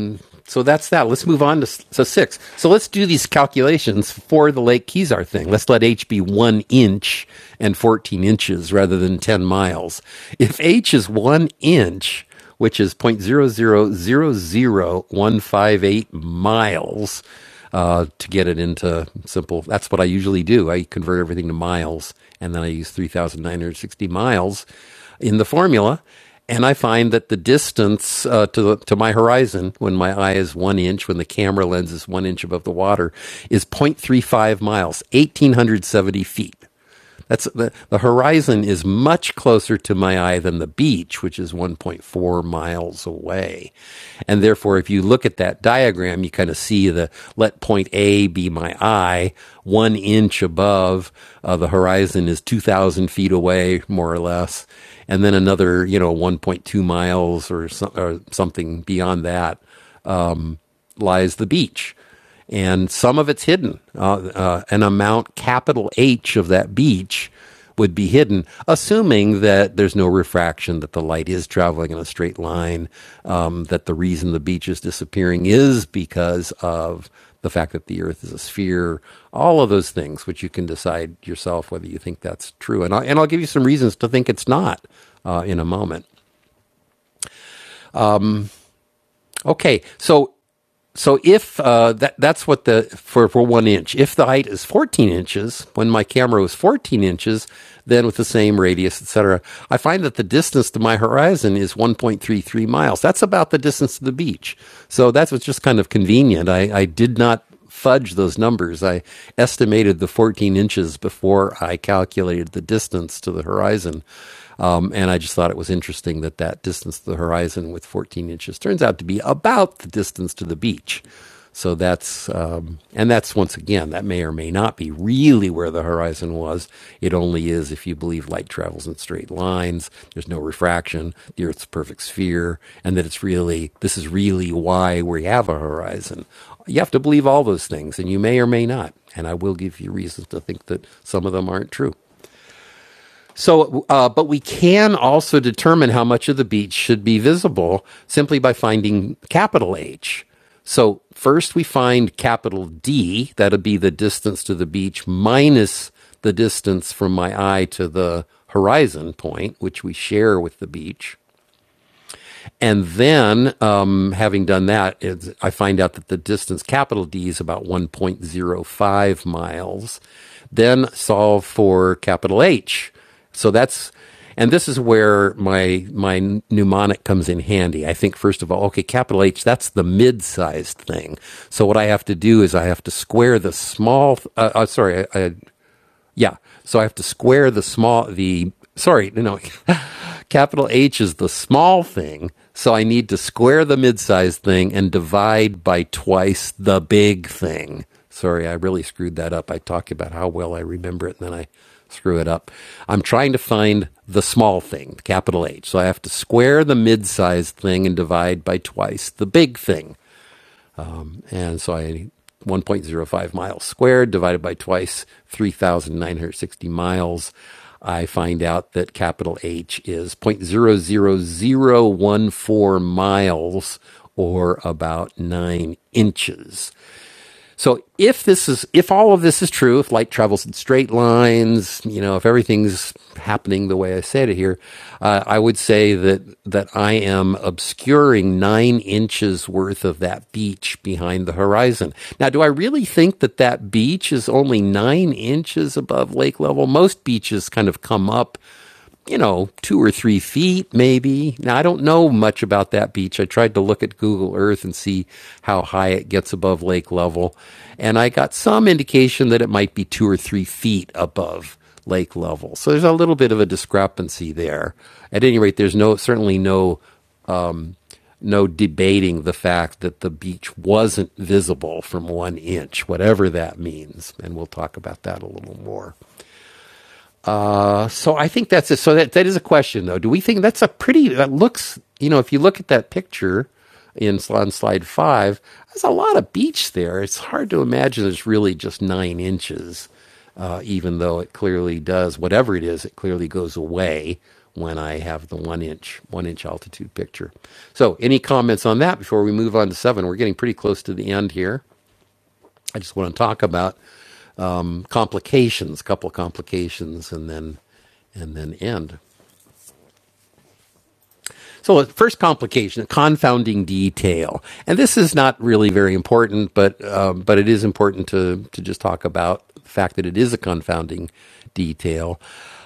um, so that's that. Let's move on to so six. So let's do these calculations for the Lake Kezar thing. Let's let h be one inch and 14 inches rather than 10 miles. If h is one inch, which is 0.0000158 miles, uh, to get it into simple. That's what I usually do. I convert everything to miles, and then I use 3,960 miles in the formula. And I find that the distance uh, to, the, to my horizon, when my eye is one inch, when the camera lens is one inch above the water, is 0.35 miles, 1,870 feet. That's the, the horizon is much closer to my eye than the beach, which is 1.4 miles away. And therefore, if you look at that diagram, you kind of see the let point A be my eye, one inch above uh, the horizon is 2,000 feet away, more or less. And then another, you know, 1.2 miles or, so, or something beyond that lies the beach. And some of it's hidden. Uh, uh, an amount, capital H, of that beach would be hidden, assuming that there's no refraction, that the light is traveling in a straight line, um, that the reason the beach is disappearing is because of the fact that the Earth is a sphere, all of those things, which you can decide yourself whether you think that's true. And, I, and I'll give you some reasons to think it's not uh, in a moment. Okay, so so if uh, that that's what the for for one inch. If the height is fourteen inches, when my camera was fourteen inches, then with the same radius, etc., I find that the distance to my horizon is one point three three miles. That's about the distance to the beach. So that was just kind of convenient. I, I did not fudge those numbers. I estimated the 14 inches before I calculated the distance to the horizon. Um, and I just thought it was interesting that that distance to the horizon with 14 inches turns out to be about the distance to the beach. So that's, um, and that's once again, that may or may not be really where the horizon was. It only is if you believe light travels in straight lines, there's no refraction, the Earth's a perfect sphere, and that it's really, this is really why we have a horizon. You have to believe all those things, and you may or may not. And I will give you reasons to think that some of them aren't true. So, uh, but we can also determine how much of the beach should be visible simply by finding capital H. So, first we find capital D, that will be the distance to the beach minus the distance from my eye to the horizon point, which we share with the beach. And then, um, having done that, it's, I find out that the distance capital D is about 1.05 miles. Then solve for capital H. So that's, and this is where my my mnemonic comes in handy. I think first of all, okay, capital H, that's the mid-sized thing. So what I have to do is I have to square the small. Uh, uh, sorry, I, I yeah. So I have to square the small, the, sorry, no, no, capital H is the small thing. So I need to square the mid-sized thing and divide by twice the big thing. Sorry, I really screwed that up. I talk about how well I remember it and then I screw it up. I'm trying to find the small thing, capital H. So I have to square the mid-sized thing and divide by twice the big thing. And so I 1.05 miles squared divided by twice 3,960 miles. I find out that capital H is 0.00014 miles or about nine inches. So if this is if all of this is true, if light travels in straight lines, you know, if everything's happening the way I said it here, uh, I would say that that I am obscuring nine inches worth of that beach behind the horizon. Now, do I really think that that beach is only nine inches above lake level? Most beaches kind of come up you know, two or three feet maybe. Now, I don't know much about that beach. I tried to look at Google Earth and see how high it gets above lake level. And I got some indication that it might be two or three feet above lake level. So there's a little bit of a discrepancy there. At any rate, there's no, certainly no, no debating the fact that the beach wasn't visible from one inch, whatever that means. And we'll talk about that a little more. So I think that's it. So that that is a question though. Do we think that's a pretty that looks you know if you look at that picture in on slide five, there's a lot of beach there. It's hard to imagine there's really just nine inches, uh, even though it clearly does whatever it is. It clearly goes away when I have the one inch one inch altitude picture. So any comments on that before we move on to seven? We're getting pretty close to the end here. I just want to talk about um, complications, a couple of complications, and then and then end. So, the first complication, confounding detail, and this is not really very important, but um, but it is important to to just talk about the fact that it is a confounding detail.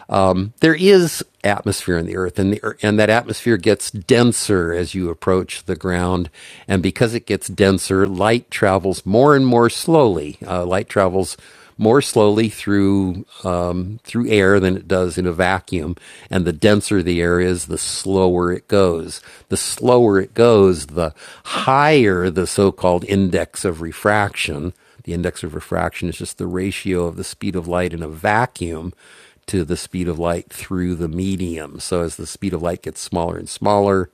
Um, there is atmosphere in the Earth, and the and that atmosphere gets denser as you approach the ground, and because it gets denser, light travels more and more slowly. Uh, light travels more slowly through um, through air than it does in a vacuum. And the denser the air is, the slower it goes. The slower it goes, the higher the so-called index of refraction. The index of refraction is just the ratio of the speed of light in a vacuum to the speed of light through the medium. So as the speed of light gets smaller and smaller,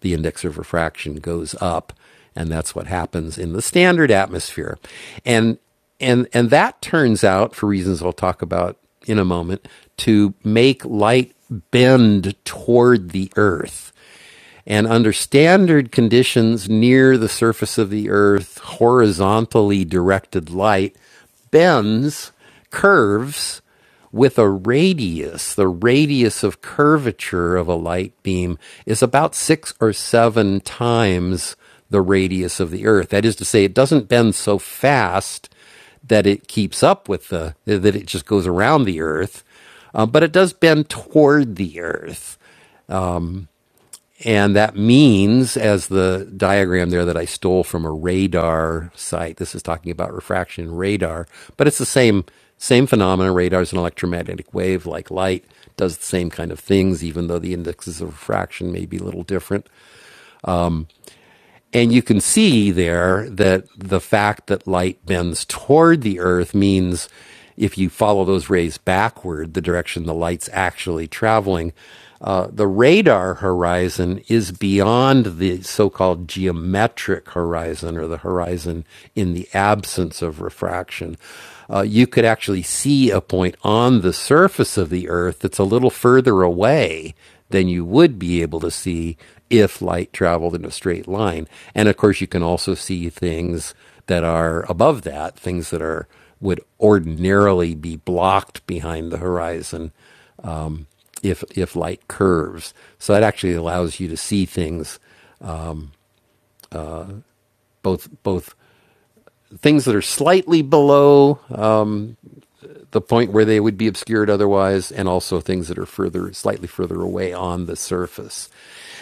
the index of refraction goes up, and that's what happens in the standard atmosphere. And and and that turns out, for reasons I'll talk about in a moment, to make light bend toward the Earth. And under standard conditions near the surface of the Earth, horizontally directed light bends, curves with a radius, the radius of curvature of a light beam is about six or seven times the radius of the Earth. That is to say, it doesn't bend so fast that it keeps up with the, that it just goes around the Earth, uh, but it does bend toward the Earth. And that means, as the diagram there that I stole from a radar site, this is talking about refraction radar, but it's the same same phenomenon. Radar is an electromagnetic wave like light, does the same kind of things, even though the indexes of refraction may be a little different. And you can see there that the fact that light bends toward the earth means if you follow those rays backward, the direction the light's actually traveling, uh, the radar horizon is beyond the so called geometric horizon or the horizon in the absence of refraction. Uh, you could actually see a point on the surface of the earth that's a little further away than you would be able to see if light traveled in a straight line. And of course, you can also see things that are above that, things that are would ordinarily be blocked behind the horizon if if light curves. So that actually allows you to see things both both things that are slightly below the point where they would be obscured otherwise, and also things that are further, slightly further away on the surface.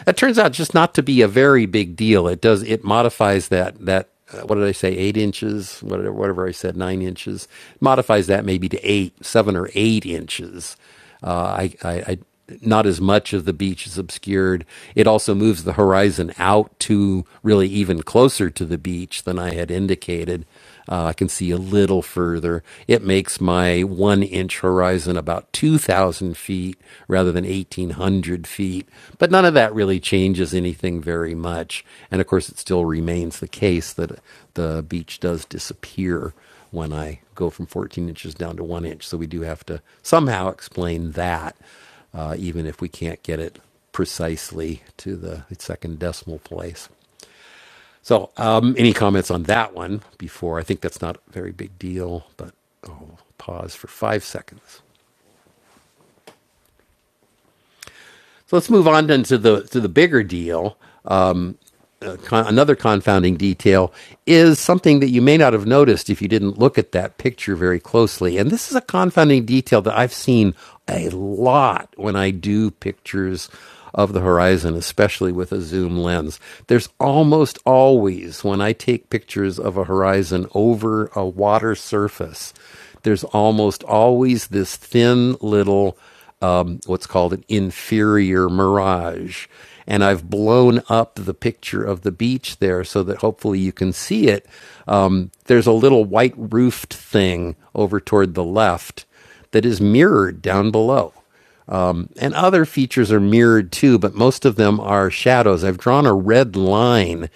That turns out just not to be a very big deal. It does it modifies that that uh, what did I say eight inches whatever whatever I said nine inches modifies that maybe to eight seven or eight inches. Uh, I, I, I not as much of the beach is obscured. It also moves the horizon out to really even closer to the beach than I had indicated. Uh, I can see a little further. It makes my one inch horizon about 2,000 feet rather than 1,800 feet. But none of that really changes anything very much. And of course, it still remains the case that the beach does disappear when I go from 14 inches down to one inch. So we do have to somehow explain that, uh, even if we can't get it precisely to the second decimal place. So, um, any comments on that one before? I think that's not a very big deal, but I'll pause for five seconds. So let's move on then to the to the bigger deal. uh, con- another confounding detail is something that you may not have noticed if you didn't look at that picture very closely. And this is a confounding detail that I've seen a lot when I do pictures of the horizon, especially with a zoom lens. There's almost always, when I take pictures of a horizon over a water surface, there's almost always this thin little um, what's called an inferior mirage. And I've blown up the picture of the beach there so that hopefully you can see it. Um, there's a little white roofed thing over toward the left that is mirrored down below and other features are mirrored too, but most of them are shadows. I've drawn a red line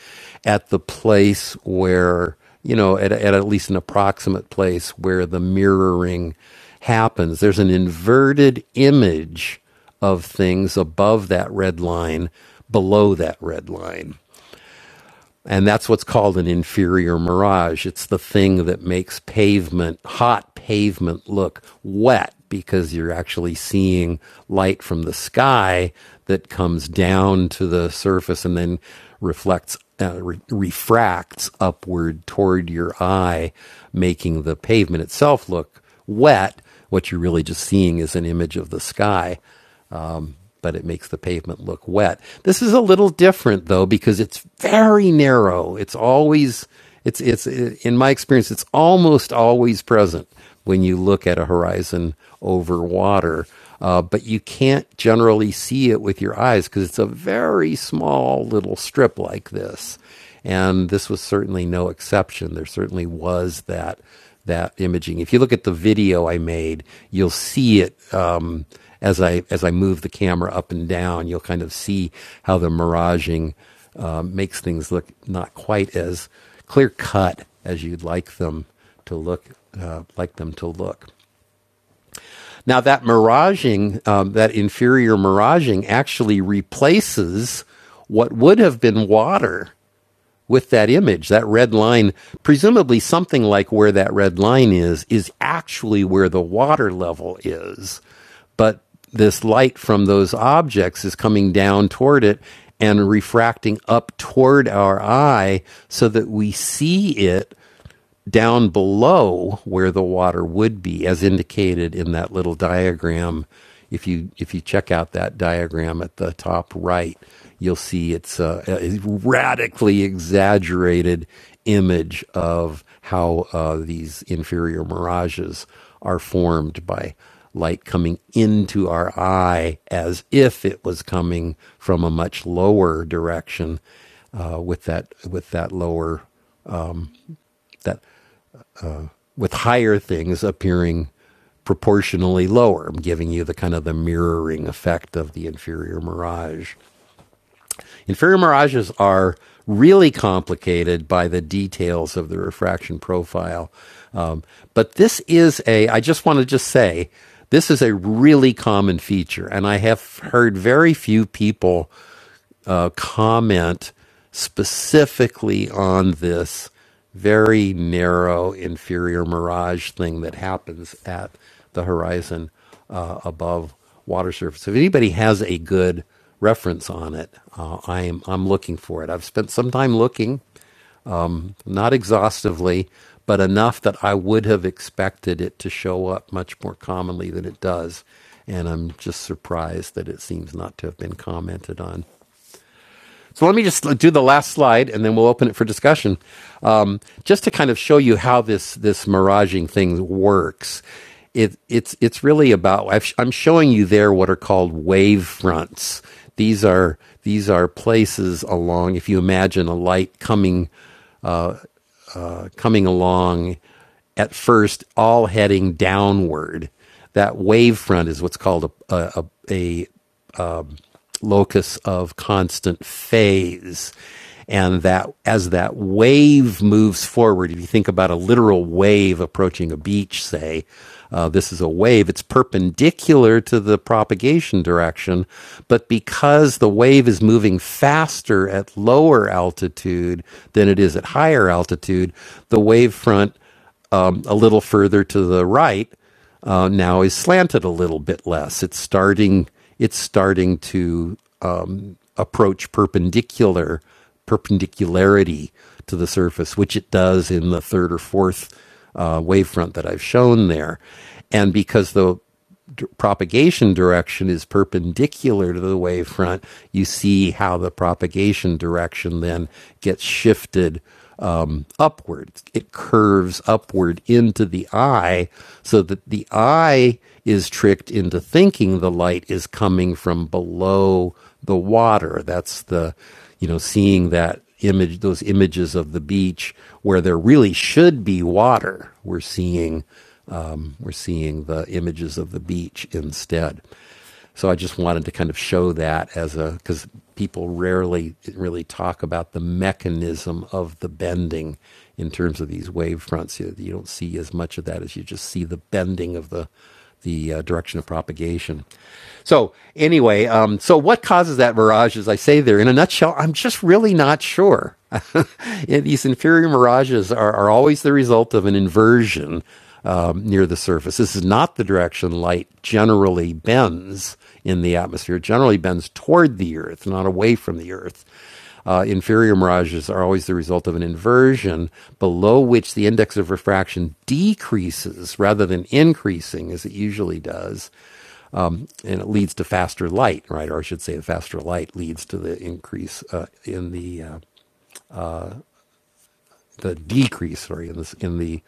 at the place where, you know, at, at at least an approximate place where the mirroring happens. There's an inverted image of things above that red line, below that red line. And that's what's called an inferior mirage. It's the thing that makes pavement, hot pavement, look wet because you're actually seeing light from the sky that comes down to the surface and then reflects, uh, re- refracts upward toward your eye, making the pavement itself look wet. What you're really just seeing is an image of the sky but it makes the pavement look wet. This is a little different though because it's very narrow. It's always it's it's in my experience it's almost always present when you look at a horizon over water. Uh, but you can't generally see it with your eyes because it's a very small little strip like this and this was certainly no exception. There certainly was that that imaging. If you look at the video I made, you'll see it um, as I as I move the camera up and down. You'll kind of see how the miraging um, makes things look not quite as clear cut as you'd like them to look uh, like them to look. Now that miraging, um, that inferior miraging, actually replaces what would have been water with that image, that red line, presumably something like where that red line is, is actually where the water level is. But this light from those objects is coming down toward it and refracting up toward our eye so that we see it down below where the water would be, as indicated in that little diagram. If you if you check out that diagram at the top right, you'll see it's a, a radically exaggerated image of how uh, these inferior mirages are formed by light coming into our eye as if it was coming from a much lower direction uh, with that with that lower that with higher things appearing proportionally lower, I'm giving you the kind of the mirroring effect of the inferior mirage. Inferior mirages are really complicated by the details of the refraction profile. Um, but this is a, I just want to just say, this is a really common feature, and I have heard very few people uh, comment specifically on this very narrow inferior mirage thing that happens at the horizon uh, above water surface. If anybody has a good reference on it, uh, I'm I'm looking for it. I've spent some time looking, not exhaustively, but enough that I would have expected it to show up much more commonly than it does, and I'm just surprised that it seems not to have been commented on. So let me just do the last slide, and then we'll open it for discussion, um, just to kind of show you how this this miraging thing works. It, it's it's really about I've, I'm showing you there what are called wave fronts. These are these are places along. If you imagine a light coming uh, coming along, at first all heading downward, that wave front is what's called a a, a, locus of constant phase. And that as that wave moves forward, if you think about a literal wave approaching a beach, say, uh, this is a wave, it's perpendicular to the propagation direction. But because the wave is moving faster at lower altitude than it is at higher altitude, the wave front um, a little further to the right uh, now is slanted a little bit less. It's starting it's starting to um, approach perpendicular perpendicularity to the surface, which it does in the third or fourth uh, wavefront that I've shown there. And because the d- propagation direction is perpendicular to the wavefront, you see how the propagation direction then gets shifted um, upward. It curves upward into the eye so that the eye is tricked into thinking the light is coming from below the water. That's the, you know, seeing that image those images of the beach where there really should be water we're seeing we're seeing the images of the beach instead. So I just wanted to kind of show that as a because people rarely really talk about the mechanism of the bending in terms of these wave fronts. You, you don't see as much of that as you just see the bending of the the uh, direction of propagation. So anyway, um, so what causes that mirage? As I say there, in a nutshell, I'm just really not sure. These inferior mirages are, are always the result of an inversion um, near the surface. This is not the direction light generally bends in the atmosphere. It generally bends toward the Earth, not away from the Earth. Uh, inferior mirages are always the result of an inversion below which the index of refraction decreases rather than increasing, as it usually does, and it leads to faster light, right? Or I should say, the faster light leads to the increase uh, in the uh, the decrease, sorry, in this in the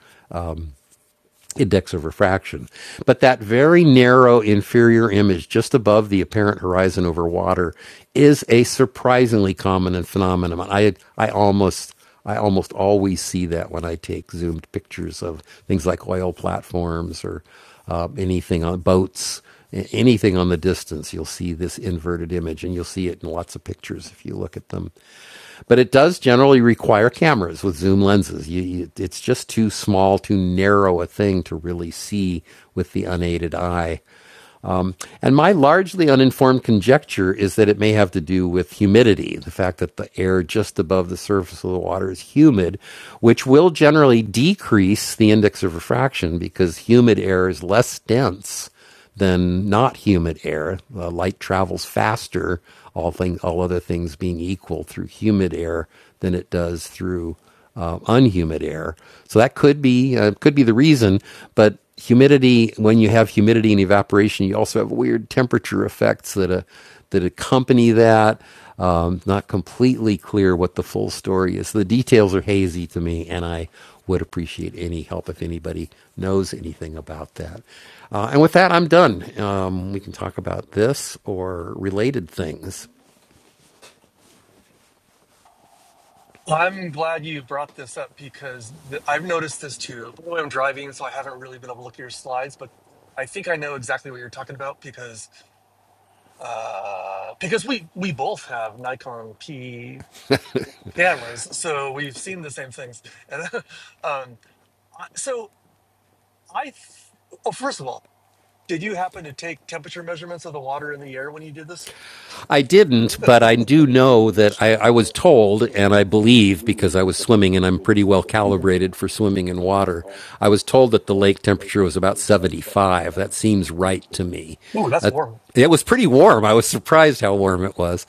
index of refraction. But that very narrow inferior image just above the apparent horizon over water is a surprisingly common phenomenon. I I almost I almost always see that when I take zoomed pictures of things like oil platforms or uh, anything on boats. Anything on the distance, you'll see this inverted image, and you'll see it in lots of pictures if you look at them. But it does generally require cameras with zoom lenses. You, you, it's just too small, too narrow a thing to really see with the unaided eye. And my largely uninformed conjecture is that it may have to do with humidity, the fact that the air just above the surface of the water is humid, which will generally decrease the index of refraction because humid air is less dense than not humid air. Uh, light travels faster, all things all other things being equal, through humid air than it does through uh, unhumid air. So that could be uh, could be the reason. But humidity, when you have humidity and evaporation, you also have weird temperature effects that uh, that accompany that. Um, not completely clear what the full story is. The details are hazy to me, and I would appreciate any help if anybody knows anything about that. Uh, and with that, I'm done. Um, we can talk about this or related things. I'm glad you brought this up because th- I've noticed this too. By the way, I'm driving, so I haven't really been able to look at your slides, but I think I know exactly what you're talking about because uh, because we we both have Nikon P cameras, so we've seen the same things. And um, I- so I, th- oh, first of all, did you happen to take temperature measurements of the water in the air when you did this? I didn't, but I do know that I, I was told, and I believe because I was swimming and I'm pretty well calibrated for swimming in water, I was told that the lake temperature was about 75. That seems right to me. Ooh, that's Uh, warm. it was pretty warm. I was surprised how warm it was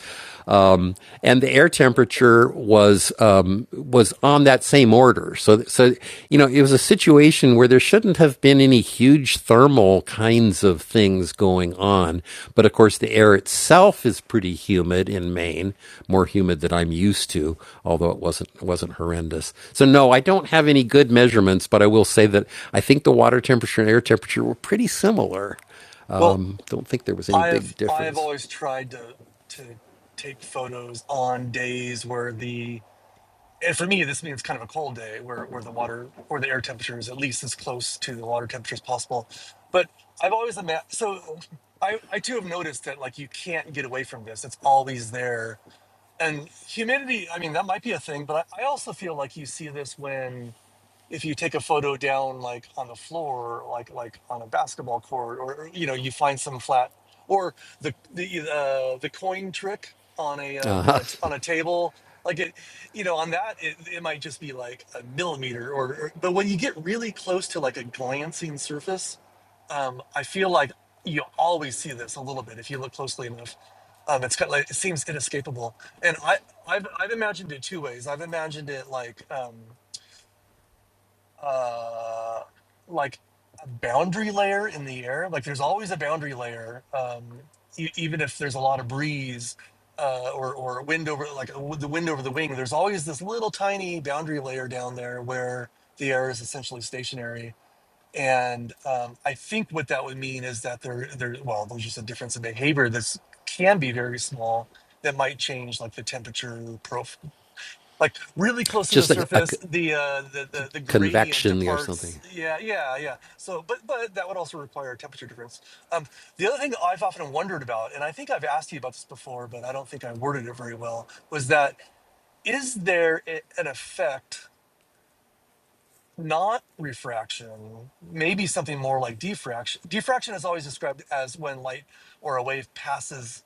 um, and the air temperature was um, was on that same order. So, so you know, it was a situation where there shouldn't have been any huge thermal kinds of things going on. But of course, the air itself is pretty humid in Maine, more humid than I'm used to, although it wasn't it wasn't horrendous. So, no, I don't have any good measurements, but I will say that I think the water temperature and air temperature were pretty similar. Well, Um, don't think there was any I big have I have difference. always tried to to take photos on days where the and for me, this means kind of a cold day where, where the water or the air temperature is at least as close to the water temperature as possible. But I've always imagined, so I, I too have noticed that like you can't get away from this. It's always there. And humidity, I mean, that might be a thing, but I, I also feel like you see this when if you take a photo down like on the floor like like on a basketball court or or, you know you find some flat or the the uh, the coin trick on a um, on a t- on a table like it you know on that it, it might just be like a millimeter or, or but when you get really close to like a glancing surface um, I feel like you always see this a little bit if you look closely enough um, it's kind of like it seems inescapable and I I've I've imagined it two ways I've imagined it like um, uh, like a boundary layer in the air. Like there's always a boundary layer, um, e- even if there's a lot of breeze uh, or or wind over like a w- the wind over the wing. There's always this little tiny boundary layer down there where the air is essentially stationary. And um, I think what that would mean is that there there well there's just a difference in behavior that's can be very small that might change like the temperature profile like really close to the Just a, a, surface the uh the, the the gradient convection or departs something. yeah yeah yeah so but but that would also require a temperature difference um the other thing that i've often wondered about and i think i've asked you about this before but i don't think i worded it very well was that is there a- an effect not refraction maybe something more like diffraction diffraction is always described as when light or a wave passes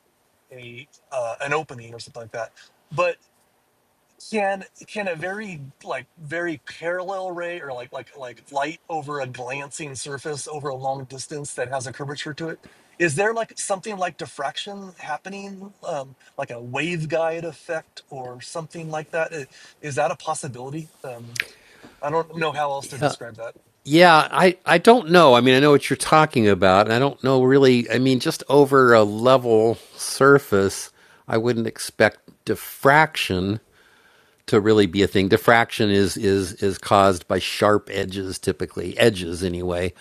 a uh, an opening or something like that but can can a very like very parallel ray or like like like light over a glancing surface over a long distance that has a curvature to it is there like something like diffraction happening um, like a waveguide effect or something like that I- is that a possibility um, i don't know how else to describe that Yeah, I, I don't know. I mean, I know what you're talking about, and I don't know really. I mean, just over a level surface, I wouldn't expect diffraction. to really be a thing. Diffraction is is is caused by sharp edges, typically edges anyway,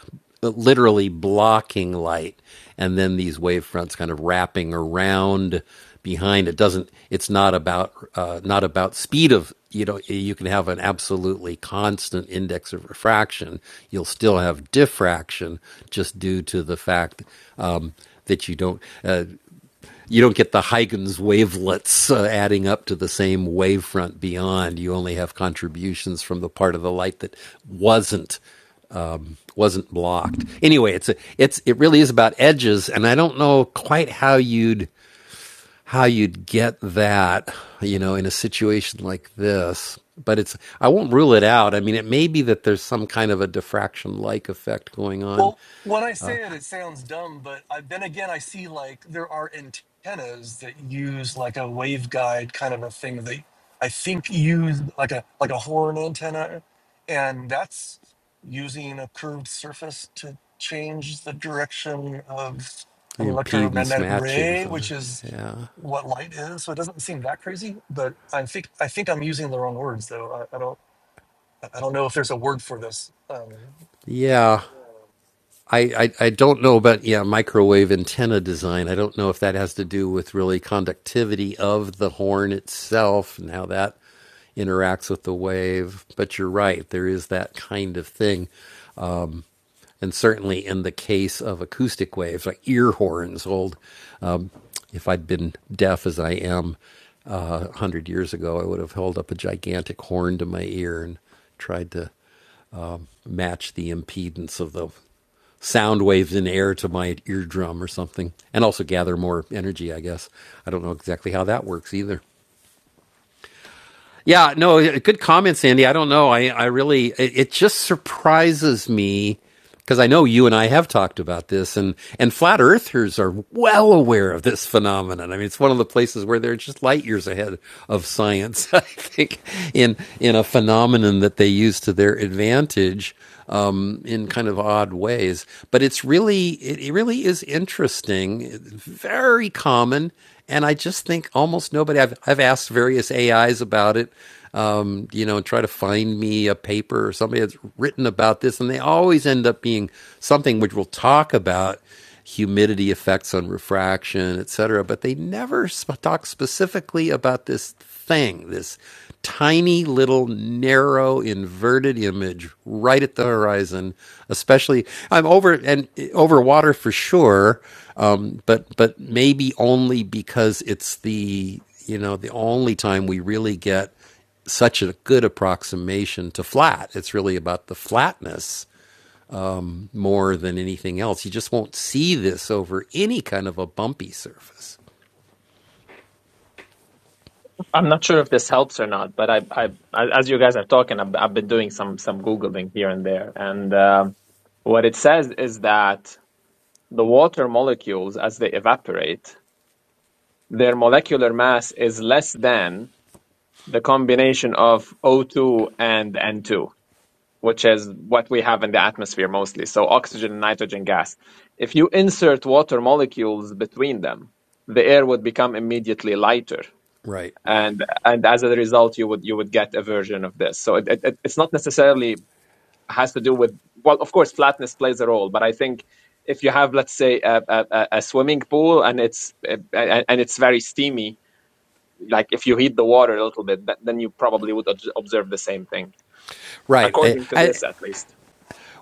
but literally blocking light, and then these wave fronts kind of wrapping around behind. It doesn't. It's not about uh, not about speed of you know. You can have an absolutely constant index of refraction. You'll still have diffraction just due to the fact um, that you don't. uh, you don't get the Huygens wavelets uh, adding up to the same wavefront beyond. You only have contributions from the part of the light that wasn't wasn't blocked. Anyway, it's a, it's it really is about edges, and I don't know quite how you'd how you'd get that, you know, in a situation like this. But it's I won't rule it out. I mean, it may be that there's some kind of a diffraction like effect going on, Well, when I say it, it sounds dumb, but I, then again, I see like there are antennas that use like a waveguide kind of a thing that I think use like a like a horn antenna, and that's using a curved surface to change the direction of an impedance electromagnetic matching ray, somehow. which is Yeah. what light is. So it doesn't seem that crazy, but I think I think I'm using the wrong words though. I, I don't I I don't know if there's a word for this. Um, Yeah. I, I, I don't know about yeah microwave antenna design. I don't know if that has to do with really conductivity of the horn itself and how that interacts with the wave. But you're right, there is that kind of thing, and certainly in the case of acoustic waves, like ear horns. Old, uh, if I'd been deaf as I am uh, one hundred years ago, I would have held up a gigantic horn to my ear and tried to match the impedance of the sound waves in air to my eardrum or something, and also gather more energy, I guess. I don't know exactly how that works either. Yeah, no, yeah, good comment, Sandy. I don't know. I, I really, it, it just surprises me because I know you and I have talked about this, and and flat earthers are well aware of this phenomenon. I mean, it's one of the places where they're just light years ahead of science. I think in in a phenomenon that they use to their advantage um, in kind of odd ways. But it's really, it, it really is interesting, very common. And I just think almost nobody, I've, I've asked various AIs about it, um, you know, and try to find me a paper or somebody that's written about this. And they always end up being something which we'll talk about humidity effects on refraction, et cetera, But they never sp- talk specifically about this thing, this tiny little narrow inverted image right at the horizon. Especially, I'm over and over water for sure, um, but but maybe only because it's the you know the only time we really get such a good approximation to flat. It's really about the flatness more than anything else. You just won't see this over any kind of a bumpy surface. I'm not sure if this helps or not, but I, I, I- as you guys are talking, I've, I've been doing some some googling here and there, and um what it says is that the water molecules, as they evaporate, their molecular mass is less than the combination of O2 and N2. which is what we have in the atmosphere mostly. So oxygen and nitrogen gas. If you insert water molecules between them, the air would become immediately lighter. Right. And and as a result, you would you would get a version of this. So it, it, it's not necessarily has to do with well, of course, flatness plays a role, but I think if you have, let's say, a, a, a swimming pool and it's uh, and it's very steamy, like if you heat the water a little bit, then you probably would observe the same thing, Right. I, according to I, this at least.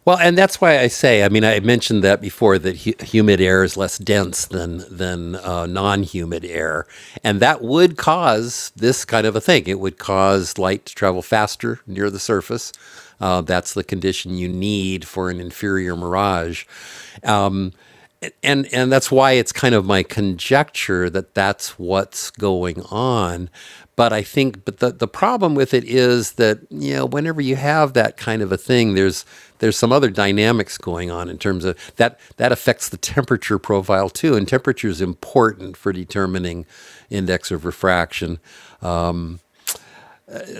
well, and that's why I say. I mean, I mentioned that before that hu- humid air is less dense than than uh, non-humid air, and that would cause this kind of a thing. It would cause light to travel faster near the surface. Uh, that's the condition you need for an inferior mirage. and and that's why it's kind of my conjecture that that's what's going on but i think but the, the problem with it is that you know whenever you have that kind of a thing there's there's some other dynamics going on in terms of that that affects the temperature profile too and temperature is important for determining index of refraction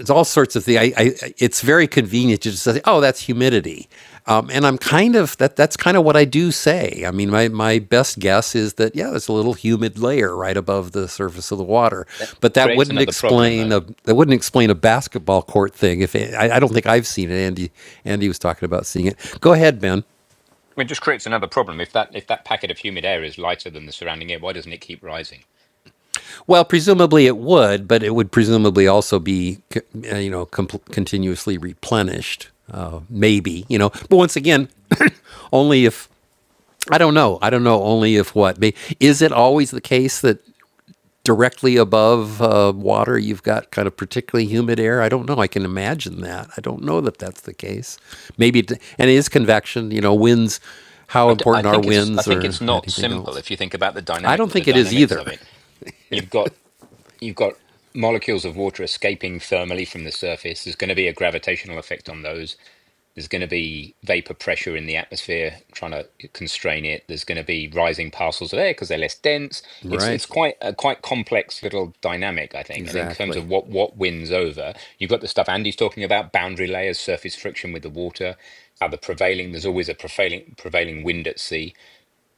it's all sorts of things. I, I, it's very convenient to just say, "Oh, that's humidity," um, and I'm kind of that. That's kind of what I do say. I mean, my my best guess is that yeah, there's a little humid layer right above the surface of the water, that but that creates wouldn't another problem, explain though. a that wouldn't explain a basketball court thing. If it, I, I don't think I've seen it. Andy Andy was talking about seeing it. Go ahead, Ben. It just creates another problem. If that if that packet of humid air is lighter than the surrounding air, why doesn't it keep rising? Well, presumably it would, but it would presumably also be, uh, you know, com- continuously replenished. Uh, maybe, you know, but once again, only if I don't know. I don't know. Only if what? Is it always the case that directly above uh, water you've got kind of particularly humid air? I don't know. I can imagine that. I don't know that that's the case. Maybe, it, and it is convection. You know, winds. How I, d- I important are think it's I winds think or it's not anything simple. else? If you think about the I dynamic don't the think it is dynamics either. of it, you've got you've got molecules of water escaping thermally from the surface. There's going to be a gravitational effect on those. There's going to be vapor pressure in the atmosphere trying to constrain it. There's going to be rising parcels of air because they're less dense. It's Right. it's quite a quite complex little dynamic, I think. And in terms Exactly. of what what wins over, you've got the stuff Andy's talking about: boundary layers, surface friction with the water, how the prevailing. There's always a prevailing prevailing wind at sea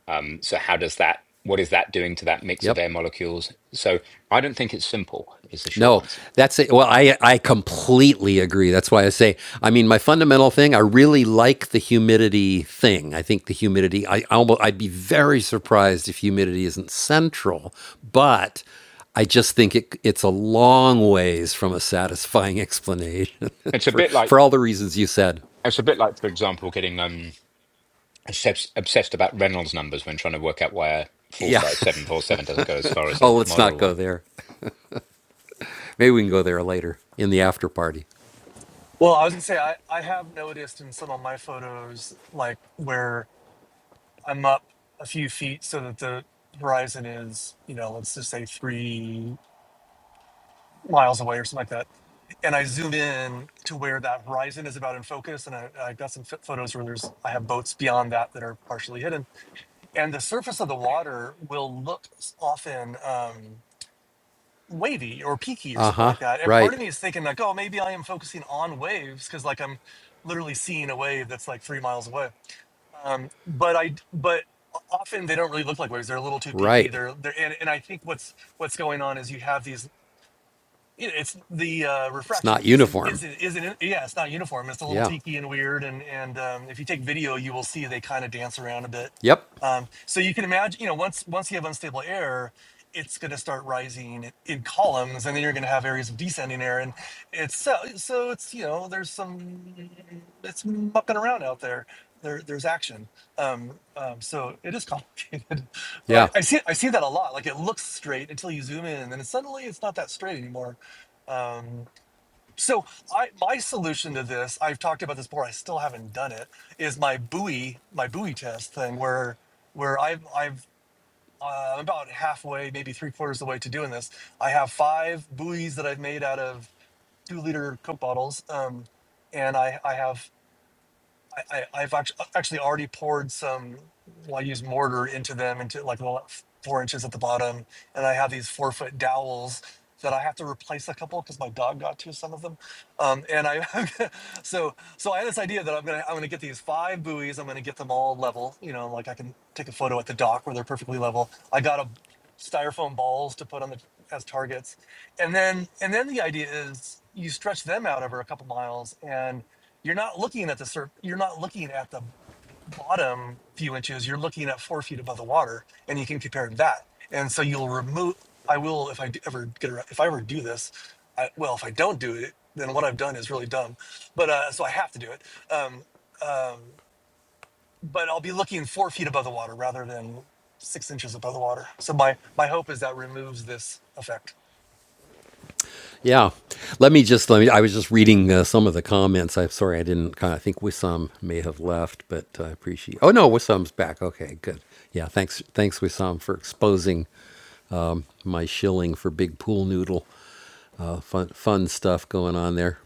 um, so how does that, what is that doing to that mix of Yep. air molecules? So I don't think it's simple, is the short No, answer. that's it. Well, I I completely agree. That's why I say. I mean, my fundamental thing. I really like the humidity thing. I think the humidity. I almost. I'd be very surprised if humidity isn't central, but I just think it, it's a long ways from a satisfying explanation It's a for bit like, for all the reasons you said. it's a bit like, for example, getting um, obsessed, obsessed about Reynolds numbers when trying to work out why a full Yeah. size 747 doesn't go as far as Oh, a let's model not go one. there. Maybe we can go there later in the after party. Well, I was gonna say I, I have noticed in some of my photos like where I'm up a few feet so that the horizon is, you know, let's just say three miles away or something like that. And I zoom in to where that horizon is about in focus. And I, I got some ph- photos where there's I have boats beyond that that are partially hidden. And the surface of the water will look s- often. Um, wavy or peaky or Uh something huh. like that. And Right. part of me is thinking like, oh, maybe I am focusing on waves because like I'm literally seeing a wave that's like three miles away. Um, but I but often they don't really look like waves. They're a little too peaky. Right. They're they're and, and I think what's what's going on is you have these you know, it's the uh, It's refraction not isn't uniform. isn't isn't yeah it's not uniform it's a little Yeah. tiki and weird and and um, if you take video you will see they kind of dance around a bit Yep. um, so you can imagine you know once once you have unstable air it's going to start rising in columns and then you're going to have areas of descending air and it's so so it's you know there's some it's mucking around out there there there's action um, um, so it is complicated but I, Yeah. I see I see that a lot like it looks straight until you zoom in and then suddenly it's not that straight anymore um, so I, my solution to this, I've talked about this before. I still haven't done it. Is my buoy, my buoy test thing, where where I've I've uh, I'm about halfway, maybe three quarters of the way to doing this. I have five buoys that I've made out of two liter Coke bottles, um, and I I have I, I, I've act- actually already poured some. Well, I use mortar into them, into like the four inches at the bottom, and I have these four foot dowels that I have to replace a couple because my dog got to some of them. Um, and I, so so I had this idea that I'm gonna I'm gonna get these five buoys. I'm gonna get them all level. You know, like I can take a photo at the dock where they're perfectly level. I got a styrofoam balls to put on the as targets, and then and then the idea is you stretch them out over a couple miles and you're not looking at the surf you're not looking at the bottom few inches you're looking at four feet above the water and you can compare that and so you'll remove i will if i d- ever get around if i ever do this I, well if i don't do it then what i've done is really dumb but uh so i have to do it um um but i'll be looking four feet above the water rather than six inches above the water so my my hope is that removes this effect Yeah. Let me just let me. I was just reading uh, some of the comments. I'm sorry I didn't. I think Wissam may have left, but I appreciate. Oh no, Wissam's back. Okay, good. Yeah. Thanks. Thanks Wissam for exposing my shilling for big pool noodle. Uh, fun fun stuff going on there.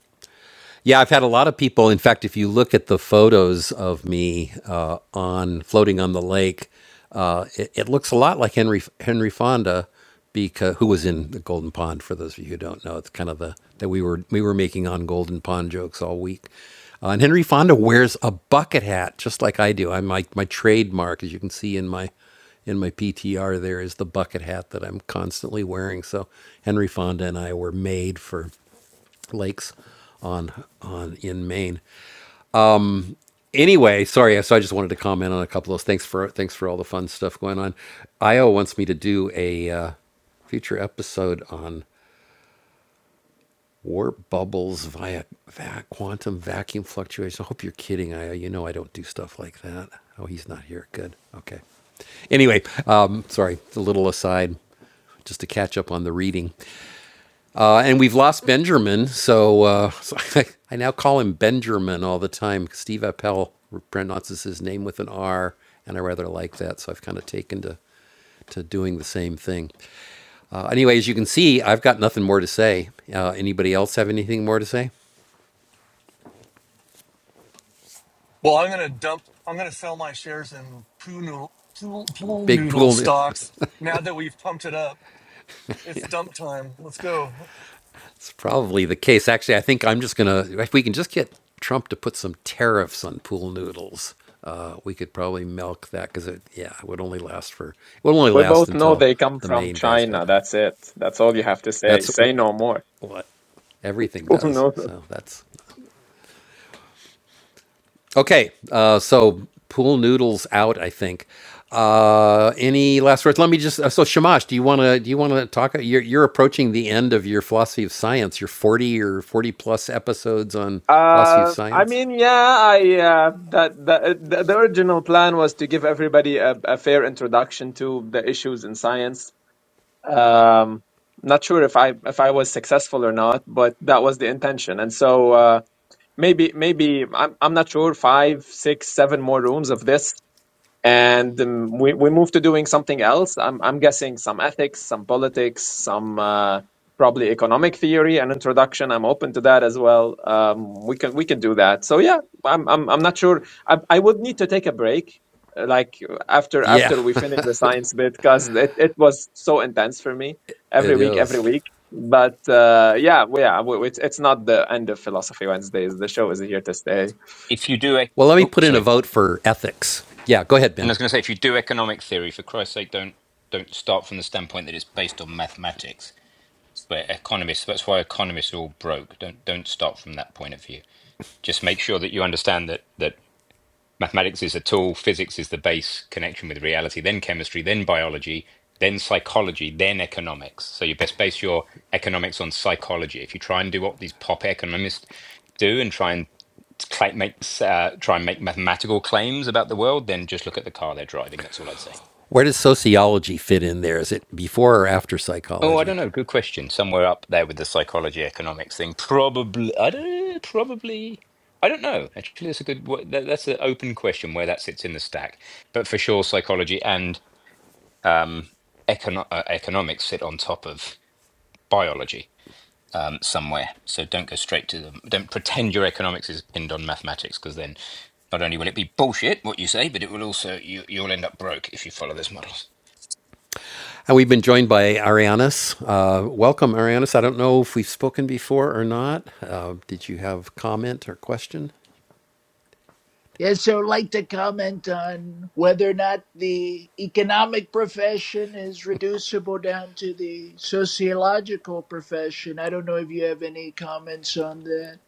Yeah, I've had a lot of people. In fact, if you look at the photos of me uh, on floating on the lake, uh, it, it looks a lot like Henry Henry Fonda, because who was in the Golden Pond. For those of you who don't know, it's kind of the that we were we were making on Golden Pond jokes all week. Uh, and Henry Fonda wears a bucket hat just like I do. I'm like my trademark, as you can see in my in my PTR. There is the bucket hat that I'm constantly wearing. So Henry Fonda and I were made for lakes on on in Maine. Anyway, sorry, so I just wanted to comment on a couple of those. Thanks for thanks for all the fun stuff going on. Io wants me to do a uh, future episode on warp bubbles via va- quantum vacuum fluctuation. I hope you're kidding, Io. You know I don't do stuff like that. Oh, he's not here. Good. Okay. Anyway, um, sorry, a little aside, just to catch up on the reading. Uh, and we've lost Benjamin, so, uh, so I, I now call him Benjamin all the time. Steve Appel pronounces his name with an R, and I rather like that, so I've kind of taken to to doing the same thing. Uh, anyway, as you can see, I've got nothing more to say. Uh, anybody else have anything more to say? Well, I'm going to dump. I'm going to sell my shares in pool noodle, pool, pool Big noodle pool, stocks. Now that we've pumped it up, it's dump time. Let's go. It's probably the case. Actually, I think I'm just gonna. If we can just get Trump to put some tariffs on pool noodles, uh, we could probably milk that because it, yeah, it would only last for. It would only We last both know until they come the from main guys got China. home. That's it. That's all you have to say. That's Say no wh- more. what everything People does. know that. So that's Okay, uh, so pool noodles out. I think. Uh, any last words? Let me just. Uh, so Shamash, do you want to? Do you want to talk? You're, you're approaching the end of your philosophy of science. Your forty or forty plus episodes on philosophy of Uh, I science. mean, yeah, I uh, that the, the the original plan was to give everybody a, a fair introduction to the issues in science. Um, not sure if I if I was successful or not, but that was the intention. And so uh, maybe maybe I'm I'm not sure five, six, seven more rooms of this and um, we, we moved to doing something else. I'm, I'm guessing some ethics, some politics, some uh, probably economic theory and introduction. I'm open to that as well. Um, we can we can do that. So yeah, I'm I'm, I'm not sure. I, I would need to take a break, uh, like uh, after Yeah, after we finish the science bit, because it, it was so intense for me it every week every is. week. But uh, yeah, we, yeah, we, it's it's not the end of Philosophy Wednesdays. The show is here to stay. If you do a, Well, let me oh, put in a sorry. vote for ethics. Yeah, go ahead, And Ben. I was going to say, if you do economic theory, for Christ's sake, don't don't start from the standpoint that it's based on mathematics. Where economists, that's why economists are all broke. Don't don't start from that point of view. Just make sure that you understand that that Mathematics is a tool, physics is the base connection with reality, then chemistry, then biology, then psychology, then economics. So you best base your economics on psychology. If you try and do what these pop economists do and try and cla make uh, try and make mathematical claims about the world, then just look at the car they're driving. That's all I'd say. Where does sociology fit in there? Is it before or after Oh, I psychology? don't know. Good question. Somewhere up there with the psychology economics thing. Probably. I don't. Probably. I don't know. Actually, that's a good. wha- that- That's an open question where that sits in the stack. But for sure, psychology and um, econo- uh, economics sit on top of biology um, somewhere. So don't go straight to them. Don't pretend your economics is pinned on mathematics because then not only will it be bullshit what you say, but it will also you, you'll end up broke if you follow those models. And we've been joined by Arianis. Uh, welcome, Arianis. I don't know if we've spoken before or not. Uh, did you have comment or question? Yes, sir. I'd like to comment on whether or not the economic profession is reducible down to the sociological profession. I don't know if you have any comments on that.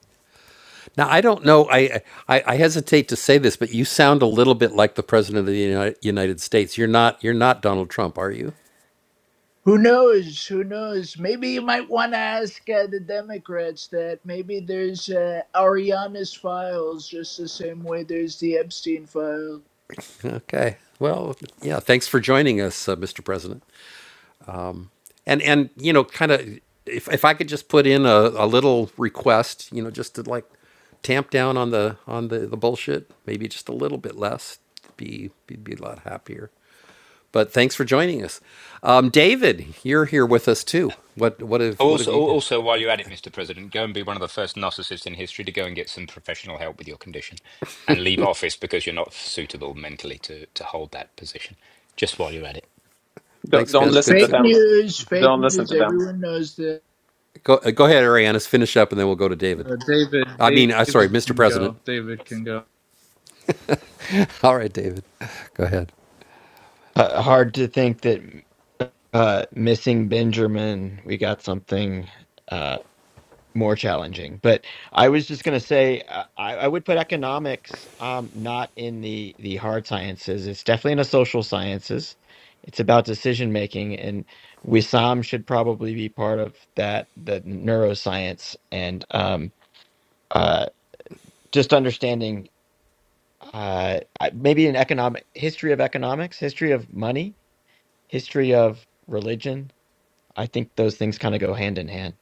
Now I don't know. I, I I hesitate to say this, but you sound a little bit like the president of the Uni- United States. You're not. You're not Donald Trump, are you? Who knows? Who knows? Maybe you might want to ask uh, the Democrats that. Maybe there's uh, Ariana's files, just the same way there's the Epstein files. Okay. Well, yeah. Thanks for joining us, uh, Mr. President. and and you know kind of if if I could just put in a, a little request, you know, just to like tamp down on the on the, the bullshit, maybe just a little bit less, be, be be a lot happier. But thanks for joining us, um, David. You're here with us too. What what have Oh, what have Also, you? oh, got? also, while you're at it, Mr. President, go and be one of the first narcissists in history to go and get some professional help with your condition, and leave office because you're not suitable mentally to to hold that position. Just while you're at it, Don't, Thanks, don't Ben. It's listen Good. to s- fake them. news, fake Don't listen news. to them. Everyone knows that. Go uh, go ahead, Arianis. Finish up, and then we'll go to David. Uh, David, I mean, I sorry, David Mr. can President. go. David can go. All right, David. Go ahead. Uh, hard to think that uh, missing Benjamin, we got something uh, more challenging. But I was just going to say, uh, I, I would put economics um, not in the the hard sciences. It's definitely in the social sciences. It's about decision making, and Wissam should probably be part of that, the neuroscience, and um, uh, just understanding uh, I- maybe an economic history of economics, history of money history of religion, I think those things kind of go hand in hand.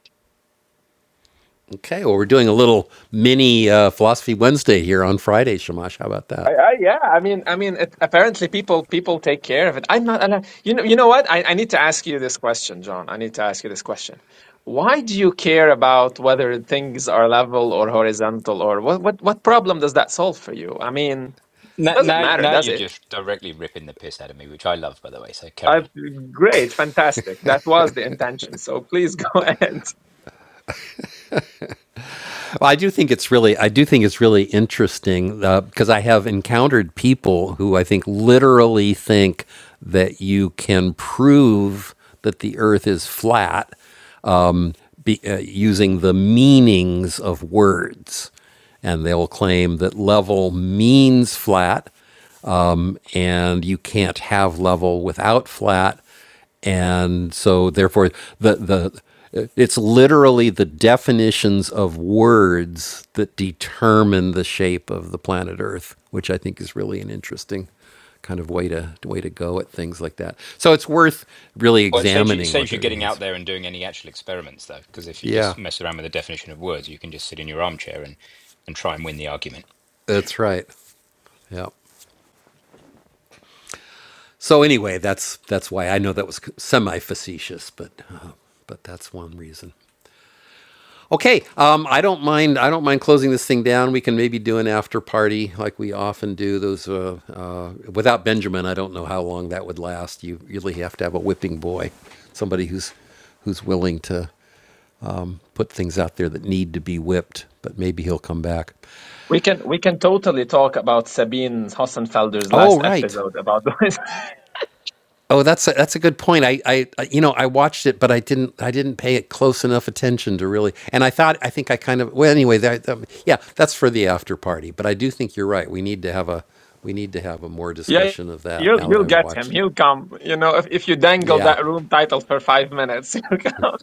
Okay, well, we're doing a little mini uh, philosophy Wednesday here on Friday, Shamash. How about I, that? I, yeah, I mean, I mean, it, apparently people people take care of it. I'm not, and I, you know, you know what? I, I need to ask you this question, John. I need to ask you this question. Why do you care about whether things are level or horizontal, or what what what problem does that solve for you? I mean, now doesn't now, matter, now does you're it? just directly ripping the piss out of me, which I love, by the way. So carry Uh, on. great, fantastic. That was the intention. So please go ahead. Well, I do think it's really, I do think it's really interesting uh, because I have encountered people who I think literally think that you can prove that the Earth is flat be, uh, using the meanings of words and they'll claim that level means flat and you can't have level without flat and so therefore the the it's literally the definitions of words that determine the shape of the planet earth which i think is really an interesting kind of way to way to go at things like that so it's worth really Well, it saves you, it examining what saves you that getting out means there and doing any actual experiments, though, because if you yeah just mess around with the definition of words, you can just sit in your armchair and, and try and win the argument. that's right yeah so anyway that's that's why i know that was semi facetious but uh, but that's one reason Okay, um, I don't mind. I don't mind closing this thing down. We can maybe do an after party like we often do. Those uh, uh, without Benjamin, I don't know how long that would last. You really have to have a whipping boy, somebody who's who's willing to put things out there that need to be whipped. But maybe he'll come back. We can we can totally talk about Sabine Hossenfelder's Oh, last right. episode about the Oh, that's a, that's a good point. I, I you know I watched it, but I didn't I didn't pay it close enough attention to really. And I thought I think I kind of well anyway. That, that- yeah, that's for the after party. But I do think you're right. We need to have a we need to have a more Yeah, discussion of that you'll now that you'll I've get him. watched it. He'll come. You know, if if you dangle Yeah. that room title for five minutes, he'll come.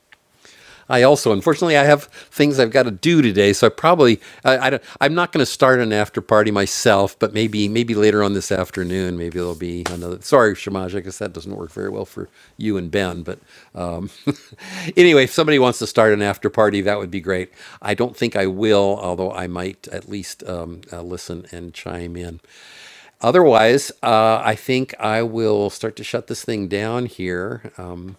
I also, unfortunately, I have things I've got to do today, so I probably I, I don't, I'm not going to start an after party myself, but maybe maybe later on this afternoon, maybe there'll be another. Sorry, Shamaj, I guess that doesn't work very well for you and Ben, but um, anyway, if somebody wants to start an after party, that would be great. I don't think I will, although I might at least um, uh, listen and chime in. Otherwise, uh, I think I will start to shut this thing down here. Um,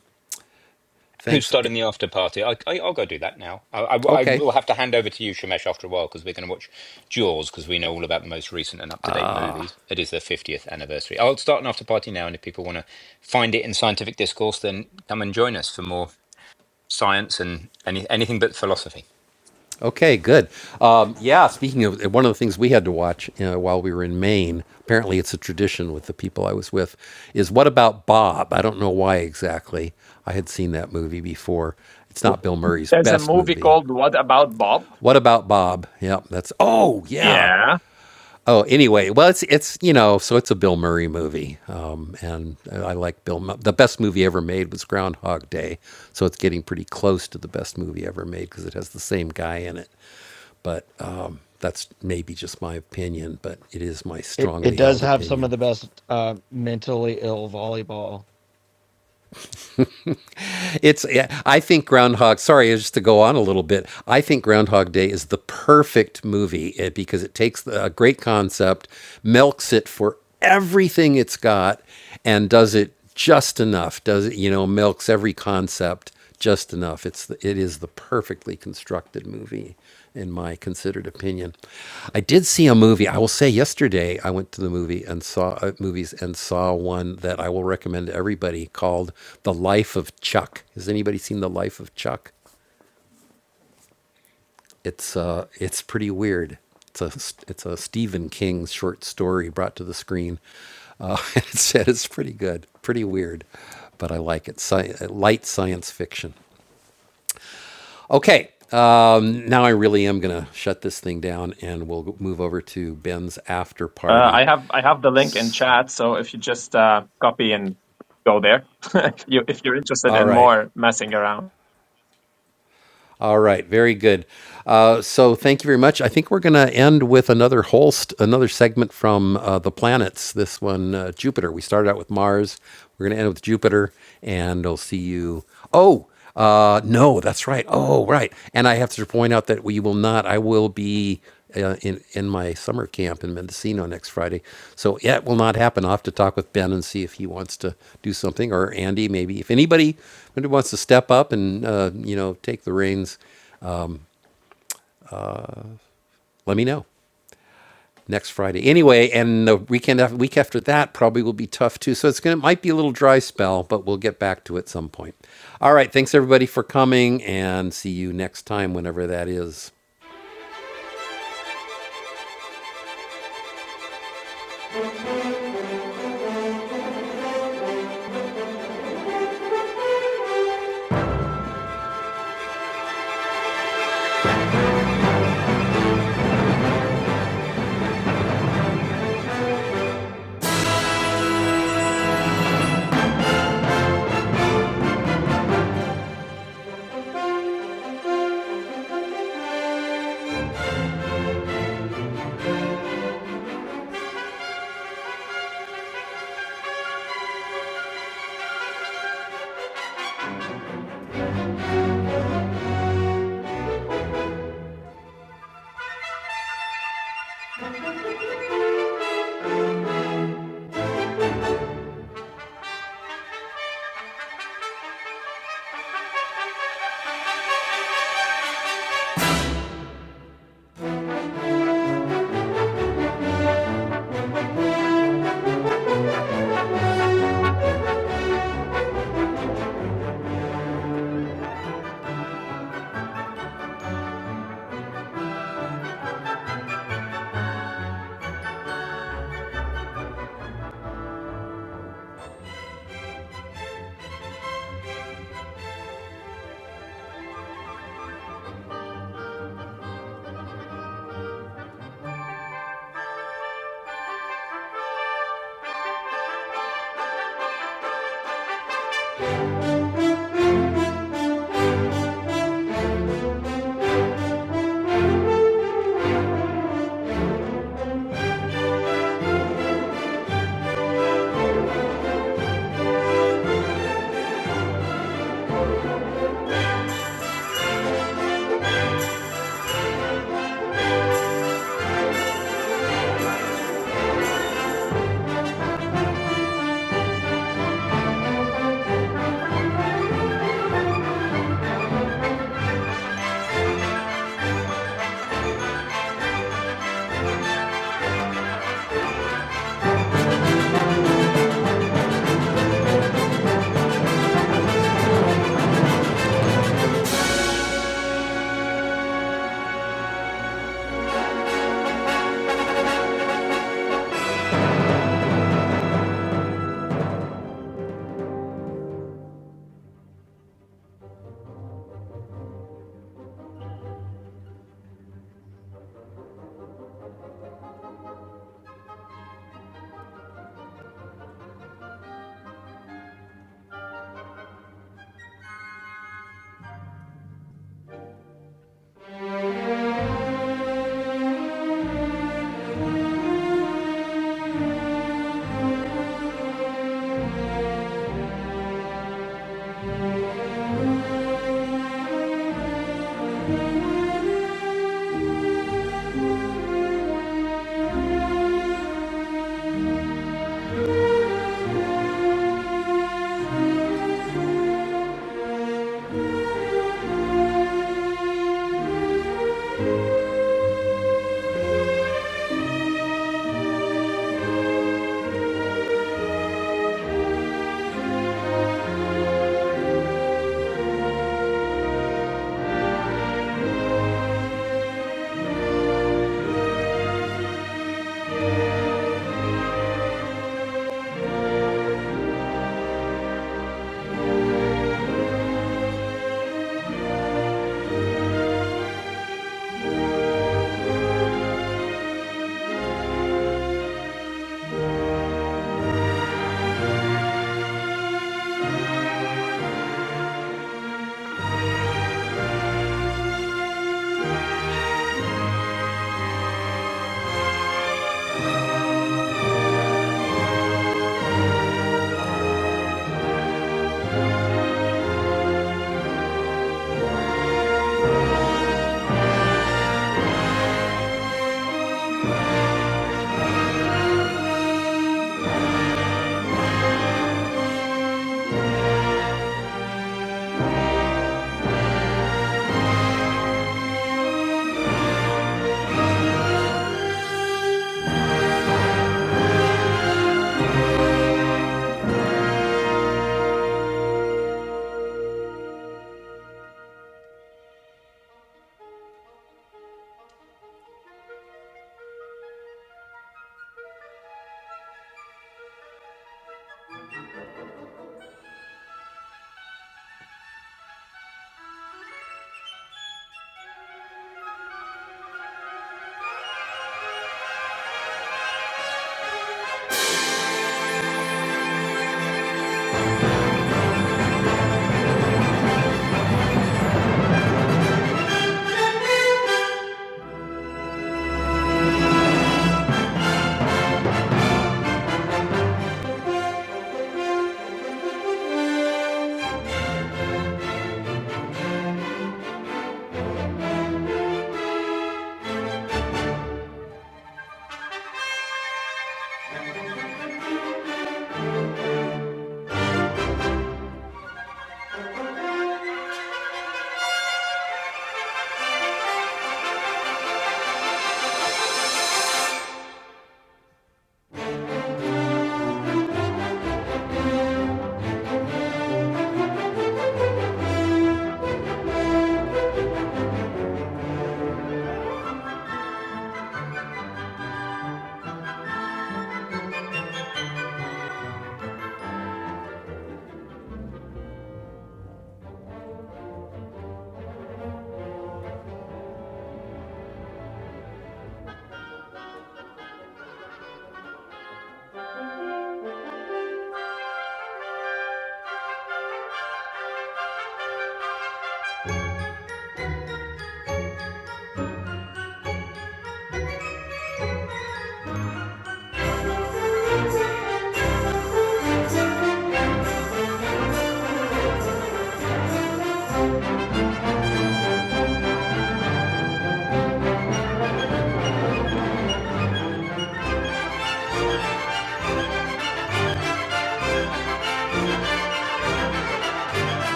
Who's thanks. Eh, starting the after party? I, I, I'll go do that now. I, I- I Okay. will have to hand over to you, Shamesh, after a while, because we're going to watch Jaws, because we know all about the most recent and up to date movies. It is the 50th anniversary. I'll start an after party now, and if people want to find it in scientific discourse, then come and join us for more science and any, anything but philosophy. Okay, good. Um, yeah, speaking of one of the things we had to watch uh, while we were in Maine, apparently it's a tradition with the people I was with, is What About Bob? I don't know why exactly. I had seen that movie before. It's not Bill Murray's There's a best movie movie. called What About Bob? What About Bob? Yep, that's, oh, yeah. Yeah. Oh, anyway, well, it's, it's you know, so it's a Bill Murray movie. Um, and I like Bill, Mu- the best movie ever made was Groundhog Day. So it's getting pretty close to the best movie ever made because it has the same guy in it but um, that's maybe just my opinion. But it is my It, it strongly does held have some of opinion. the best uh, mentally ill volleyball It's yeah, I think Groundhog. Sorry, just to go on a little bit. I think Groundhog Day is the perfect movie eh, because it takes a great concept, milks it for everything it's got, and does it just enough. Does it you know milks every concept just enough. It's the, it is the perfectly constructed movie. in my considered opinion. I did see a movie. I will say yesterday I went to the movie and saw uh, movies and saw one that I will recommend to everybody called The Life of Chuck. Has anybody seen The Life of Chuck? It's uh it's pretty weird. It's a it's a Stephen King short story brought to the screen. Uh, it said it's pretty good, pretty weird, but I like it. Sci- light science fiction. Okay. Um, now I really am going to shut this thing down and we'll move over to Ben's after Uh, party. I have I have the link in chat, so if you just uh, copy and go there, if you if you're interested All in right. more messing around. All right. Very good. Uh, so thank you very much. I think we're going to end with another Holst, another segment from uh, the planets. This one, uh, Jupiter. We started out with Mars. We're going to end with Jupiter and I'll see you. Oh, uh, no, that's right. Oh, right. And I have to point out that we will not, I will be uh, in, in my summer camp in Mendocino next Friday. So yeah, it will not happen. I'll have to talk with Ben and see if he wants to do something or Andy maybe. If anybody wants to step up and uh, you know take the reins, let me know next Friday. Anyway, and the weekend after, week after that probably will be tough too. So it's gonna might be a little dry spell, but we'll get back to it at some point. All right, thanks everybody for coming, and see you next time whenever that is.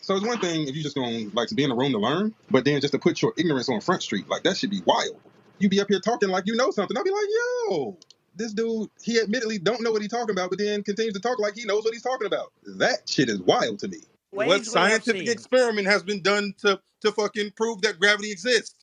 So it's one thing if you just going like to be in a room to learn, but then just to put your ignorance on front street, like that should be wild. You be up here talking like you know something. I'll be like, yo, this dude, he admittedly don't know what he's talking about, but then continues to talk like he knows what he's talking about. That shit is wild to me. Ways What scientific experiment has been done to to fucking prove that gravity exists?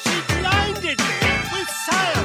She blinded me with science.